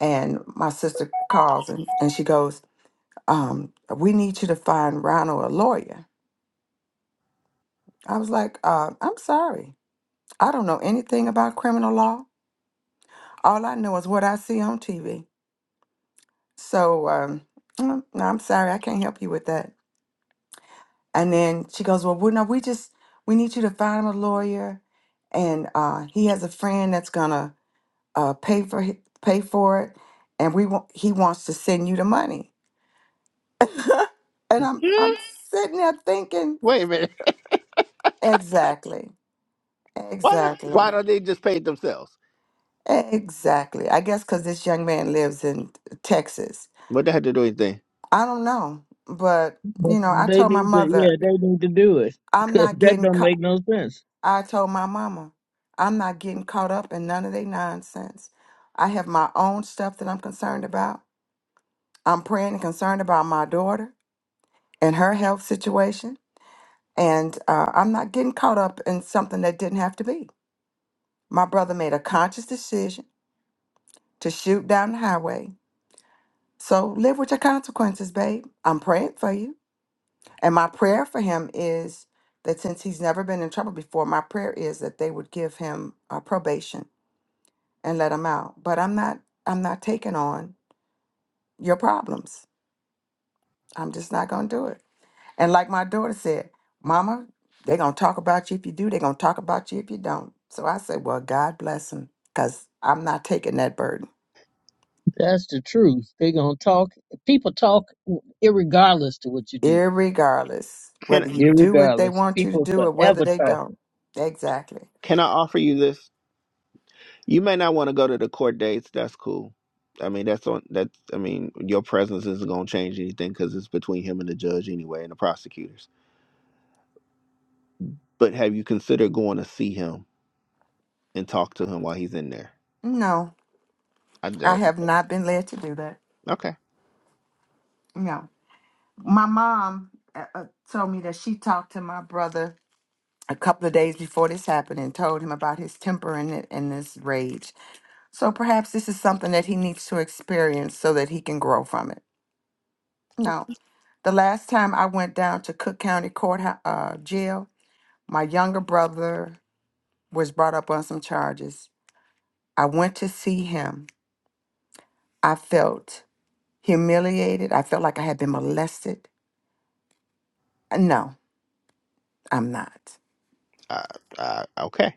G: And my sister calls and, and she goes, um, We need you to find Ronald a lawyer. I was like, uh, I'm sorry. I don't know anything about criminal law. All I know is what I see on TV. So um, mm, no, I'm sorry. I can't help you with that. And then she goes, Well, we're not, we just, we need you to find him a lawyer. And uh, he has a friend that's going to uh, pay for hi- pay for it. And we want, he wants to send you the money. and I'm, I'm
A: Hmm?
G: sitting there thinking,
A: Wait a minute.
G: exactly,
A: Why don't why
G: exactly,
A: don't they just pay it themselves?
G: exactly. I guess because this young man lives in Texas.
A: What they had to do anything?
G: I don't know. But,
F: But
G: you know, I
F: They
G: told my
F: need to,
G: mother,
F: yeah, they need to do it
G: I'm
F: because
G: not
F: that
G: getting,
F: don't make no sense.
G: I told my mama, I'm not getting caught up in none of their nonsense. I have my own stuff that I'm concerned about. I'm praying and concerned about my daughter and her health situation. And uh, I'm not getting caught up in something that didn't have to be. My brother made a conscious decision to shoot down the highway. So live with your consequences, babe. I'm praying for you. And my prayer for him is that since he's never been in trouble before, my prayer is that they would give him uh, probation and let them out. But I'm not I'm not taking on your problems. I'm just not gonna do it. And like my daughter said, Mama, they're gonna talk about you if you do, they're gonna talk about you if you don't. So I said, Well, God bless them, because I'm not taking that burden.
F: That's the truth. They gonna talk. People talk irregardless to what you do.
G: Irregardless,
A: Can
G: whether you do what they
F: Irregardless,
G: want you to
F: people
G: do or whether
F: forever
G: they don't.
F: talking.
G: Exactly.
A: can I offer you this? You may not want to go to the court dates. That's cool. I mean, that's on. That's. I mean, your presence isn't going to change anything because it's between him and the judge anyway, and the prosecutors. But have you considered going to see him and talk to him while he's in there?
G: No,
A: I
G: I
A: that
G: have not been led to do that.
A: okay.
G: No. My mom uh, uh, told me that she talked to my brother a couple of days before this happened and told him about his temper and, it- and this rage. So perhaps this is something that he needs to experience so that he can grow from it. No, the last time I went down to Cook County Court uh, Jail, my younger brother was brought up on some charges. I went to see him. I felt humiliated. I felt like I had been molested. Uh, No, I'm not.
A: I, I okay.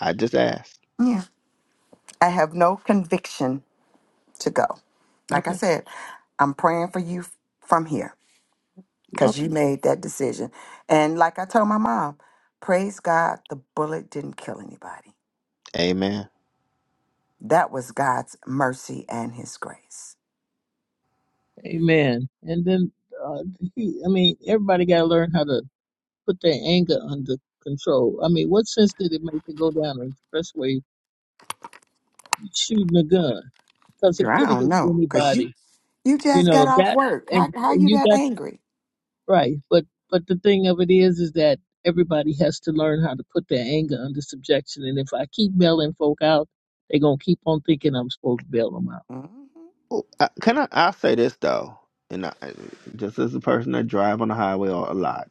A: I just asked.
G: Yeah. I have no conviction to go. Like I
A: Okay.
G: said, I'm praying for you f- from here. because
A: Okay.
G: you made that decision. And like I told my mom, praise God, the bullet didn't kill anybody.
A: Amen.
G: That was God's mercy and His grace.
F: Amen. And then, uh, he, I mean, everybody gotta learn how to put their anger under control. I mean, what sense did it make to go down an expressway shooting a gun? Because
G: Girl,
F: it
G: I
F: could have
G: don't
F: hit
G: know, cause you
F: anybody.
G: you
F: You
G: just got
F: know
G: off
F: that,
G: work. How
F: and,
G: how
F: and
G: you
F: you
G: that
F: got.
G: angry?
F: Right. But but the thing of it is is that everybody has to learn how to put their anger under subjection. And if I keep bailing folk out, they're gonna keep on thinking I'm supposed to bail them out.
G: hmm
A: Oh, I, can I? I say this though, and I, just as a person that drive on the highway a lot,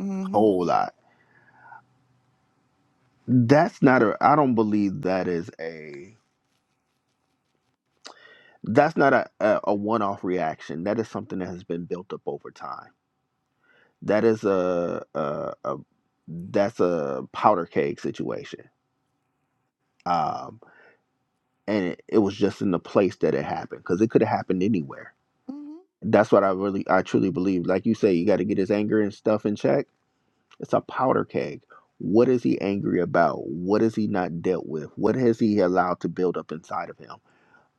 G: hmm
A: whole lot. That's not a. I don't believe that is a. that's not a, a, a one-off reaction that is something that has been built up over time that is a, a, a that's a powder keg situation um and it, it was just in the place that it happened because it could have happened anywhere
G: hmm
A: that's what i really i truly believe like you say you got to get his anger and stuff in check it's a powder keg what is he angry about what has he not dealt with what has he allowed to build up inside of him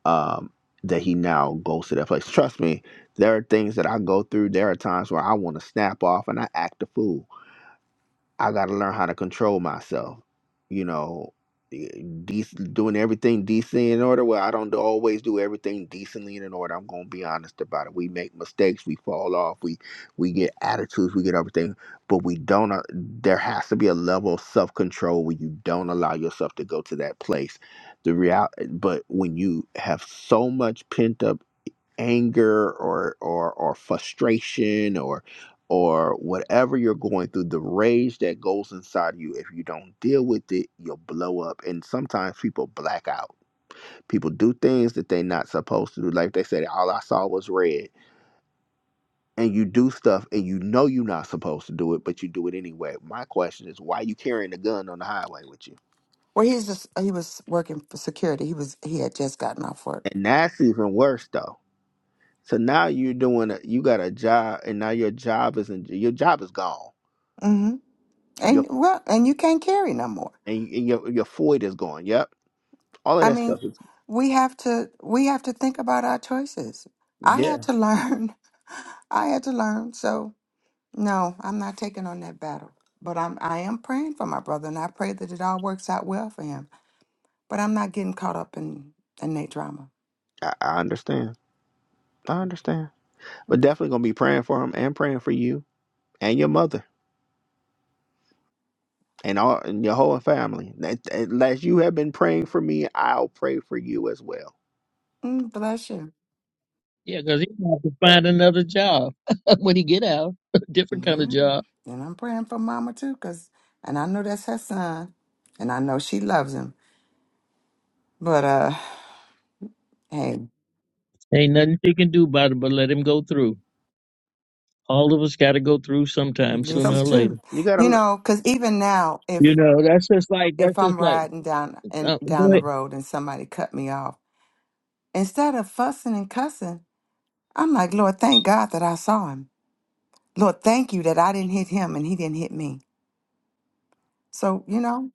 A: um, that he now goes to that place. Trust me, there are things that I go through. There are times where I want to snap off and I act a fool I got to learn how to control myself. You know, eh, doing everything decent in order. Well, I don't do- always do everything decently and in order. I'm gonna be honest about it. We make mistakes. We fall off. We we get attitudes. We get everything, but we don't. uh, There has to be a level of self control where you don't allow yourself to go to that place. The real, eh, but when you have so much pent up anger or or or frustration or or whatever you're going through the rage that goes inside of you if you don't deal with it you'll blow up and sometimes people black out people do things that they're not supposed to do like they said all i saw was red and you do stuff and you know you're not supposed to do it but you do it anyway my question is why you carrying a gun on the highway with you
G: Well, he's just he was working for security. He was he had just gotten off work.
A: and that's even worse though so now you're doing a, you got a job and now your job isn't your job is gone
G: Mm-hmm.
A: Your
G: And well, and you can't carry no more.
A: and, you, and your your void is gone. Yep, all of
G: I
A: that stuff
G: mean,
A: is.
G: we have to we have to think about our choices. I had
A: Yeah,
G: to learn. I had to learn. So no, I'm not taking on that battle. But I'm I am praying for my brother and I pray that it all works out well for him. But I'm not getting caught up in in that drama.
A: I, I understand. I understand. But definitely gonna be praying for him and praying for you and your mother and all and your whole family. That- Unless you have been praying for me, I'll pray for you as well.
G: Mm, bless you.
F: Yeah, 'cause he's gonna have to find another job when he get out, a different kind of
G: Yeah.
F: job.
G: And I'm praying for mama too, cause and I know that's her son. And I know she loves him. But uh hey.
F: Ain't nothing you can do about it but let him go through. All of us got to go through sometime,
A: It's
G: This
F: sooner
A: some
G: is
F: or later.
G: true.
A: you gotta.
G: You
A: learn-
G: know, because even now,
F: You
G: if
F: know, that's just like
G: if
F: that's
G: I'm
F: just like.
G: riding down and
F: Uh,
G: down
F: go
G: the
F: ahead.
G: road and somebody cut me off, instead of fussing and cussing, I'm like, Lord, thank God that I saw him. Lord, thank you that I didn't hit him and he didn't hit me. So you know,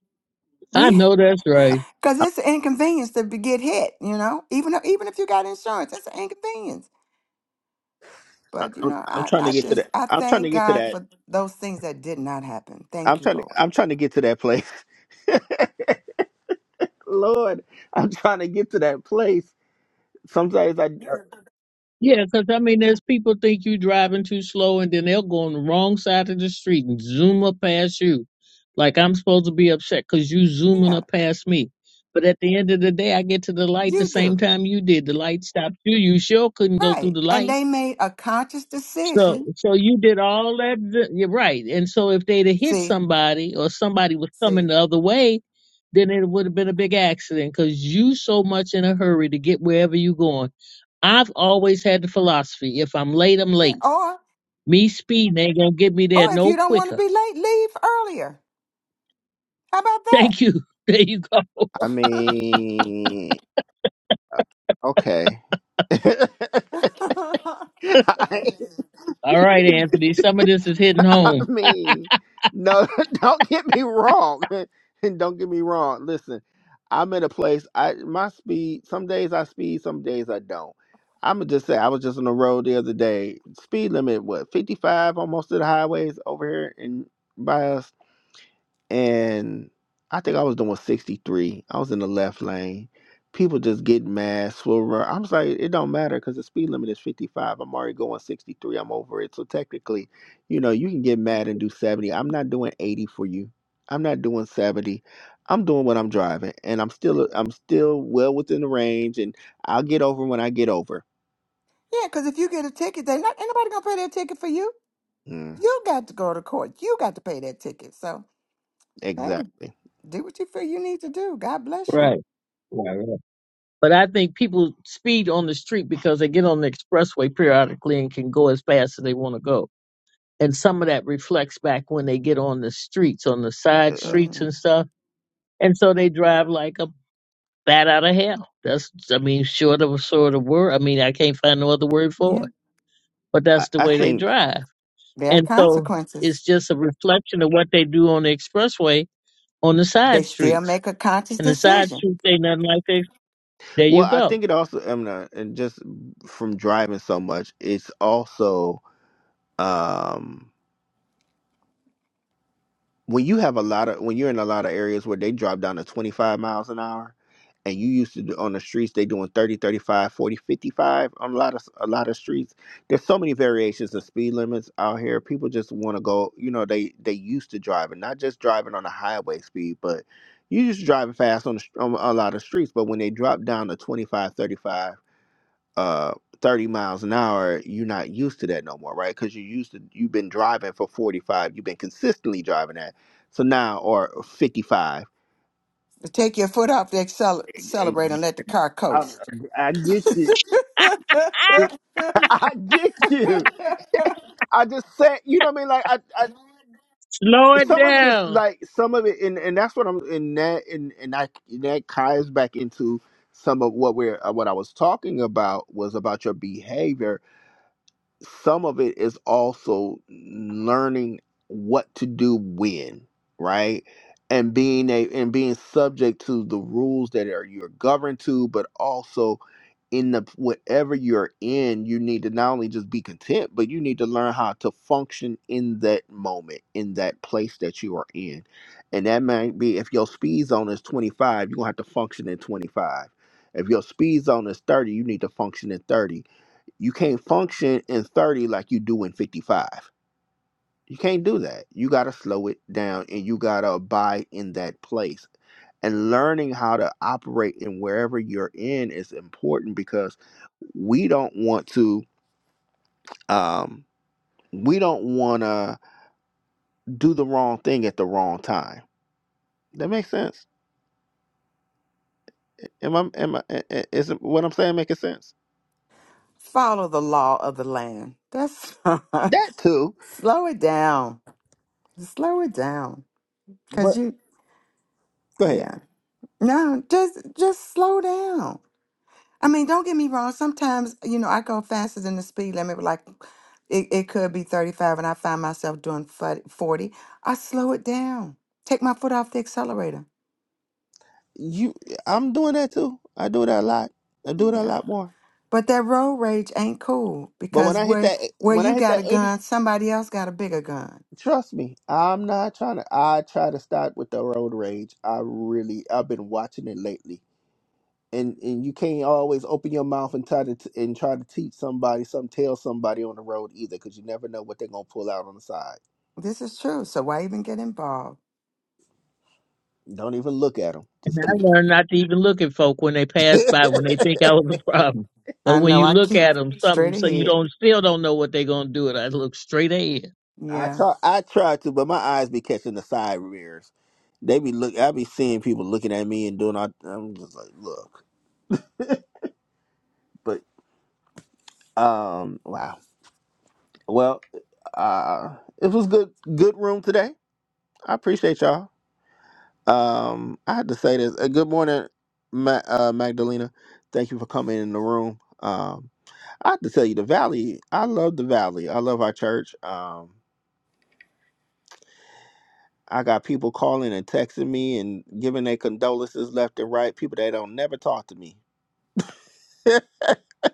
F: I
G: we
F: know that's right.
G: because it's an inconvenience to be, get hit. You know, even though, even if you got insurance, it's an inconvenience.
A: I,
G: But you
A: I'm,
G: know,
A: I'm
G: I
A: trying to
G: I
A: get to
G: just
A: that.
G: I
A: I'm trying to
G: thank
A: get to
G: God
A: that.
G: for those things that did not happen.
A: I'm
G: Thank you,
A: trying to.
G: Lord.
A: I'm trying to get to that place. Lord, I'm trying to get to that place. Sometimes I.
F: Yeah, cause I mean, there's people think you driving too slow, and then they'll go on the wrong side of the street and zoom up past you. Like I'm supposed to be upset cause you zooming
G: Yeah,
F: up past me. But at the end of the day, I get to the light the
G: you do.
F: same time you did. The light stopped you. You sure couldn't go through
G: Right.
F: the
G: And
F: light.
G: they made a conscious
F: So,
G: decision.
F: so you did all that. You're right. And so, if they'd have hit
G: See,
F: somebody or somebody was coming
G: see.
F: the other way, then it would have been a big accident because you so much in a hurry to get wherever you going. I've always had the philosophy: if I'm late, I'm
G: Yeah,
F: late.
G: or
F: Me speeding ain't gonna get me there
G: or if you
F: no
G: don't want to
F: quicker.
G: be late, leave earlier. How about that?
F: Thank you. There you go.
A: I mean, okay. I,
F: All right,
G: yeah,
F: Anthony. Some of this is hitting
A: I
F: home.
A: mean, no, don't get me wrong. And don't get me wrong. Listen, I'm in a place I my speed some days I speed, some days I don't. I'ma just say I was just on the road the other day. Speed limit what, fifty five almost to the highways over here in by us and I think I was doing 63. I was in the left lane. People just get mad, swerve. around. I'm just like, it don't matter because the speed limit is 55. I'm already going 63. I'm over it. So technically, you know, you can get mad and do 70. I'm not doing 80 for you. I'm not doing 70. I'm doing what I'm driving, and I'm still I'm still well within the range, and I'll get over when I get over.
G: because if you get a ticket, they not anybody gonna pay their ticket for you.
A: Mm,
G: You got to go to court. You got to pay that ticket. So hey,
A: exactly.
G: do what you feel you need to do. God bless you.
F: Right. Right. right. But I think people speed on the street because they get on the expressway periodically and can go as fast as they want to go. And some of that reflects back when they get on the streets, on the side
A: Uh,
F: streets
G: hmm
F: and stuff. And so they drive like a bat out of hell. That's I mean, short of a sort of word. I mean, I can't find no other word for
G: Yeah,
F: it. But
A: I,
F: that's the
A: I
F: way they
A: think.
F: drive.
G: there are
F: And so it's
G: consequences.
F: just a reflection of what they do on the expressway on the
G: They
F: side
G: still
F: streets.
G: make a conscious
F: And the side
G: decision
F: streets ain't nothing like this. There you
A: Well, I
F: go.
A: think it also, I mean, uh, and just from driving so much, it's also um, when you have a lot of when you're in a lot of areas where they drop down to 25 miles an hour, and you used to do, on the streets they doing 30, 35, 40, 55 on a lot of a lot of streets. There's so many variations of speed limits out here. People just want to go. You know, they they used to driving, not just driving on a highway speed, but you just driving fast on, the, str- on a lot of streets. But when they drop down to 25, 35. uh 30 miles an hour you're not used to that no more right because you're used to you've been driving for 45 you've been consistently driving that so now or 55
G: to take your foot off the acceler- accelerator
A: Ex-
G: and let the car
A: I,
G: coast.
A: I get you i get you i just said you know what i mean like i, I
F: Slow it
A: some of it is
F: down.
A: like some of it and, and that's what i'm in that and and i and that ties back into some of what we're uh, what i was talking about was about your behavior some of it is also learning what to do when, right? And being a and being subject to the rules that are you're governed to, but also in the whatever you're in, you need to not only just be content, but you need to learn how to function in that moment, in that place that you are in. And that might be if your speed zone is 25, you're gonna have to function in 25. If your speed zone is 30, you need to function in 30 you can't function in 30 like you do in 55. You can't do that. You got to slow it down and you got to abide in that place. And learning how to operate in wherever you're in is important because we don't want to um we don't want to do the wrong thing at the wrong time. That makes sense. Am I am I i- i- is what I'm saying making sense?
G: Follow the law of the land. That's
A: That too.
G: slow it down. Slow it down. Cause
A: But
G: you
A: go ahead.
G: yeah. No, just just slow down. I mean, don't get me wrong. Sometimes, you know, I go faster than the speed limit, but like it, it could be 35 and I find myself doing fut- 40. I slow it down. Take my foot off the accelerator.
A: You I'm doing that too. I do that a lot. I do that a
G: Yeah.
A: lot more.
G: But that road rage ain't cool
A: But when
G: because
A: I hit
G: where
A: that,
G: where
A: when I
G: you
A: hit
G: got
A: that
G: a
A: eighty,
G: gun, somebody else got a bigger gun.
A: trust me, I'm not trying to. I try to stop with the road rage. I really, I've been watching it lately, and and you can't always open your mouth and try to t- and try to teach somebody, some tell somebody on the road either, because you never know what they're gonna pull out on the side.
G: This is true. So why even get involved?
A: Don't even look at them.
F: And
A: Just
F: I
A: keep it.
F: learned not to even look at folk when they pass by when they think I was a problem. But
G: I
F: when
G: know
F: you
G: I
F: look
G: keep
F: at them, something
G: straight
F: so you
G: ahead.
F: don't still don't know what they're gonna do. And I look straight ahead.
A: I
G: Yeah.
A: try, I try to, but my eyes be catching the side mirrors. They be look. I be seeing people looking at me and doing. All, I'm just like, look, but um, wow. Well, uh, it was good good room today. I appreciate y'all. Um, I had to say this. Uh, good morning, Ma- uh, Magdalena. Thank you for coming in the room. Um, I have to tell you, the Valley. I love the Valley. I love our church. Um, I got people calling and texting me and giving their condolences left and right. People that don't never talk to me, and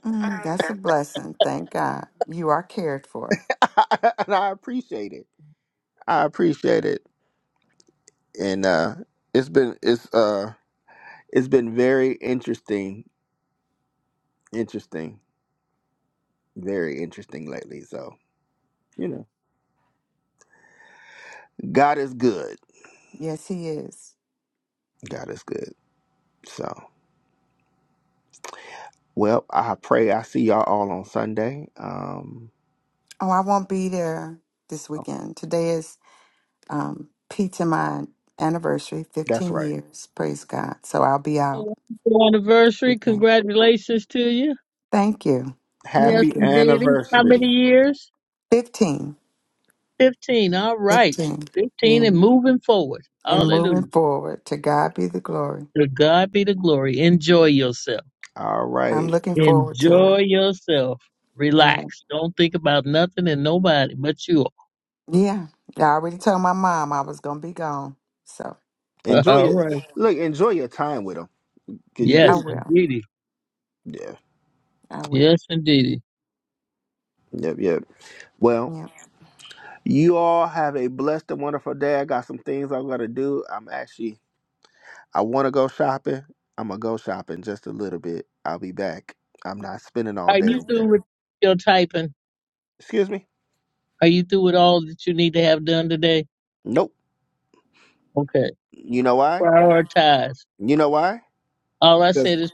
G: Mm, that's a blessing. Thank God. You are cared for.
A: I appreciate it. I appreciate it, and uh, it's been it's uh it's been very interesting interesting, very interesting lately. So, you know, God is good.
G: Yes, he is.
A: God is good. So, well, I pray I see y'all all on Sunday. Um,
G: Oh, I won't be there this weekend. Today is um pizza my anniversary,
A: that's
G: fifteen
A: right.
G: years. Praise God. So I'll be out
F: Oh, happy anniversary!
G: with him.
F: Congratulations to you.
G: Thank you.
F: Yes,
G: Thank
A: Happy
G: you.
F: indeed. How
A: anniversary.
F: many years?
G: Fifteen.
F: 15. All right.
G: Fifteen.
F: 15
G: Yeah.
F: and moving forward.
G: and moving
F: Hallelujah.
G: forward. To God be the glory.
F: To God be the glory. Enjoy yourself.
A: All
G: I'm
A: right.
G: looking forward to it.
F: Enjoy yourself.
G: Yeah.
F: Relax. Don't think about nothing and nobody but you.
G: yeah. I already told my mom I was going to be gone. So
A: Enjoy
F: All
A: your
F: right.
A: look, enjoy your time with them. Cause you
G: I
F: Yes,
A: been
G: will.
F: indeedy.
A: Yeah.
G: I will.
F: Yes, indeedy.
A: Yep, yep. Well,
G: Yeah.
A: you all have a blessed and wonderful day. I got some things I'm gonna do. I'm actually I wanna go shopping. I'm gonna go shopping just a little bit. I'll be back. I'm not spending all
F: Are
A: day
F: you
A: over there.
F: through with your typing?
A: Excuse me?
F: Are you through with all that you need to have done today?
A: Nope.
F: Okay.
A: You know why?
F: Prioritize.
A: You know why?
F: All I
A: Because
F: said is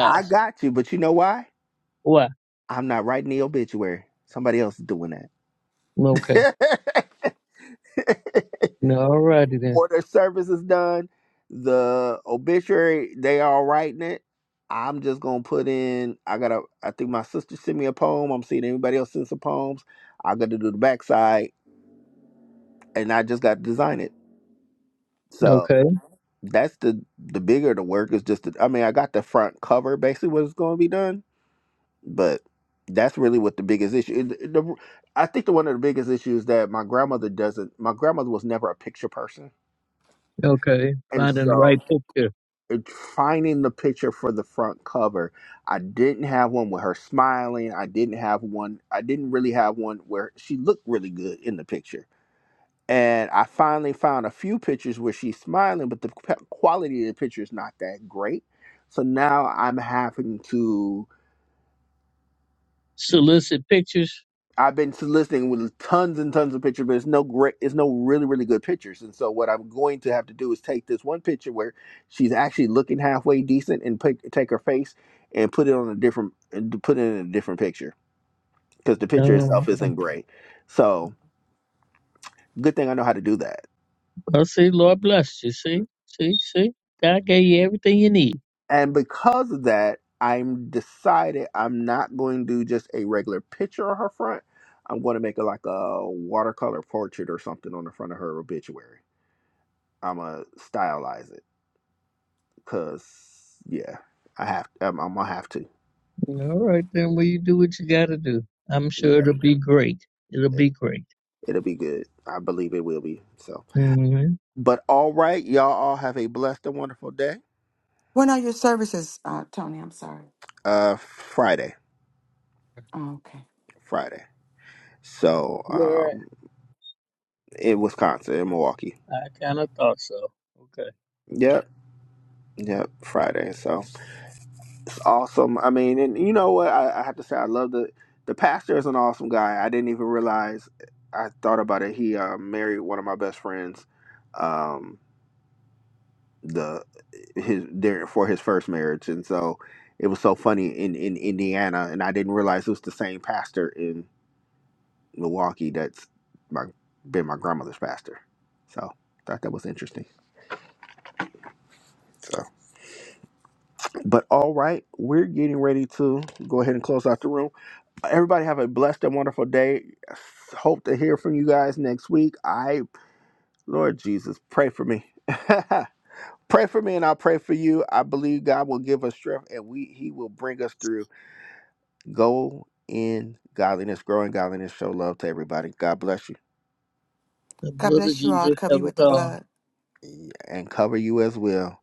A: I got you, but you know why?
F: What?
A: I'm not writing the obituary. Somebody else is doing
F: Okay.
A: that.
F: All righty then.
A: or their service is done. The obituary, they are writing it. I'm just gonna put in. I gotta. I think my sister sent me a poem. I'm seeing anybody else send some poems. I got to do the backside, and I just got to design it.
F: Okay.
A: So that's the the bigger the work is. Just the, I mean, I got the front cover. Basically, what's gonna be done but that's really what the biggest issue. The, the- I think the one of the biggest issues that my grandmother doesn't. My grandmother was never a picture person,
F: Okay,
A: and
F: finding the
A: so
F: right picture.
A: it, finding the picture for the front cover, I didn't have one with her smiling. I didn't have one. I didn't really have one where she looked really good in the picture. And I finally found a few pictures where she's smiling, but the p- quality of the picture is not that great. So now I'm having to
F: Solicit pictures.
A: I've been soliciting with tons and tons of pictures, but it's no great, it's no really, really good pictures. And so what I'm going to have to do is take this one picture where she's actually looking halfway decent and pick, take her face and put it on a different, put it in a different picture because the picture
F: Um,
A: itself isn't great. So good thing I know how to do that.
F: I see. Lord bless you. See, see, see. God gave you everything you need.
A: And because of that, I'm decided I'm not going to do just a regular picture of her front. I'm going to make a, like a watercolor portrait or something on the front of her obituary. I'm going to stylize it Cause yeah, I have. I'm, I'm gonna have to.
F: Yeah, All right, then. Well, you do what you got to do. I'm
A: We
F: sure
A: got it.
F: it'll be great. It'll be great.
A: It'll be good. I believe it will be. So,
F: Mm-hmm.
A: but all right, y'all all have a blessed and wonderful day.
G: When are your services, uh, Tony? I'm sorry.
A: Uh, Friday,
G: Oh, okay.
A: Friday. So,
F: Where at?
A: um, in Wisconsin, in Milwaukee.
F: I kind of thought so. Okay.
A: Yep, yep. Friday. So it's awesome. I mean, and you know what? I, I have to say, I love the the pastor is an awesome guy. I didn't even realize. I thought about it. He uh, married one of my best friends. Um. the his there for his first marriage and so it was so funny in in indiana and i didn't realize it was the same pastor in milwaukee that's my been my grandmother's pastor so thought that was interesting so but all right we're getting ready to go ahead and close out the room everybody have a blessed and wonderful day hope to hear from you guys next week i lord jesus pray for me pray for me and i'll pray for you i believe god will give us strength and we he will bring us through Go in godliness, grow in godliness, show love to everybody. God bless you
F: The
G: God
F: blood of
G: bless you all.
F: Jesus
G: Cover you
F: covers
G: with the
F: all.
G: blood.
A: and cover you as well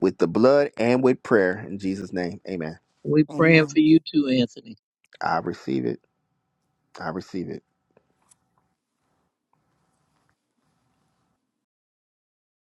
A: with the blood and with prayer. In Jesus' name, amen.
F: We praying for
G: Amen.
F: you too, Anthony.
A: I receive it. I receive it.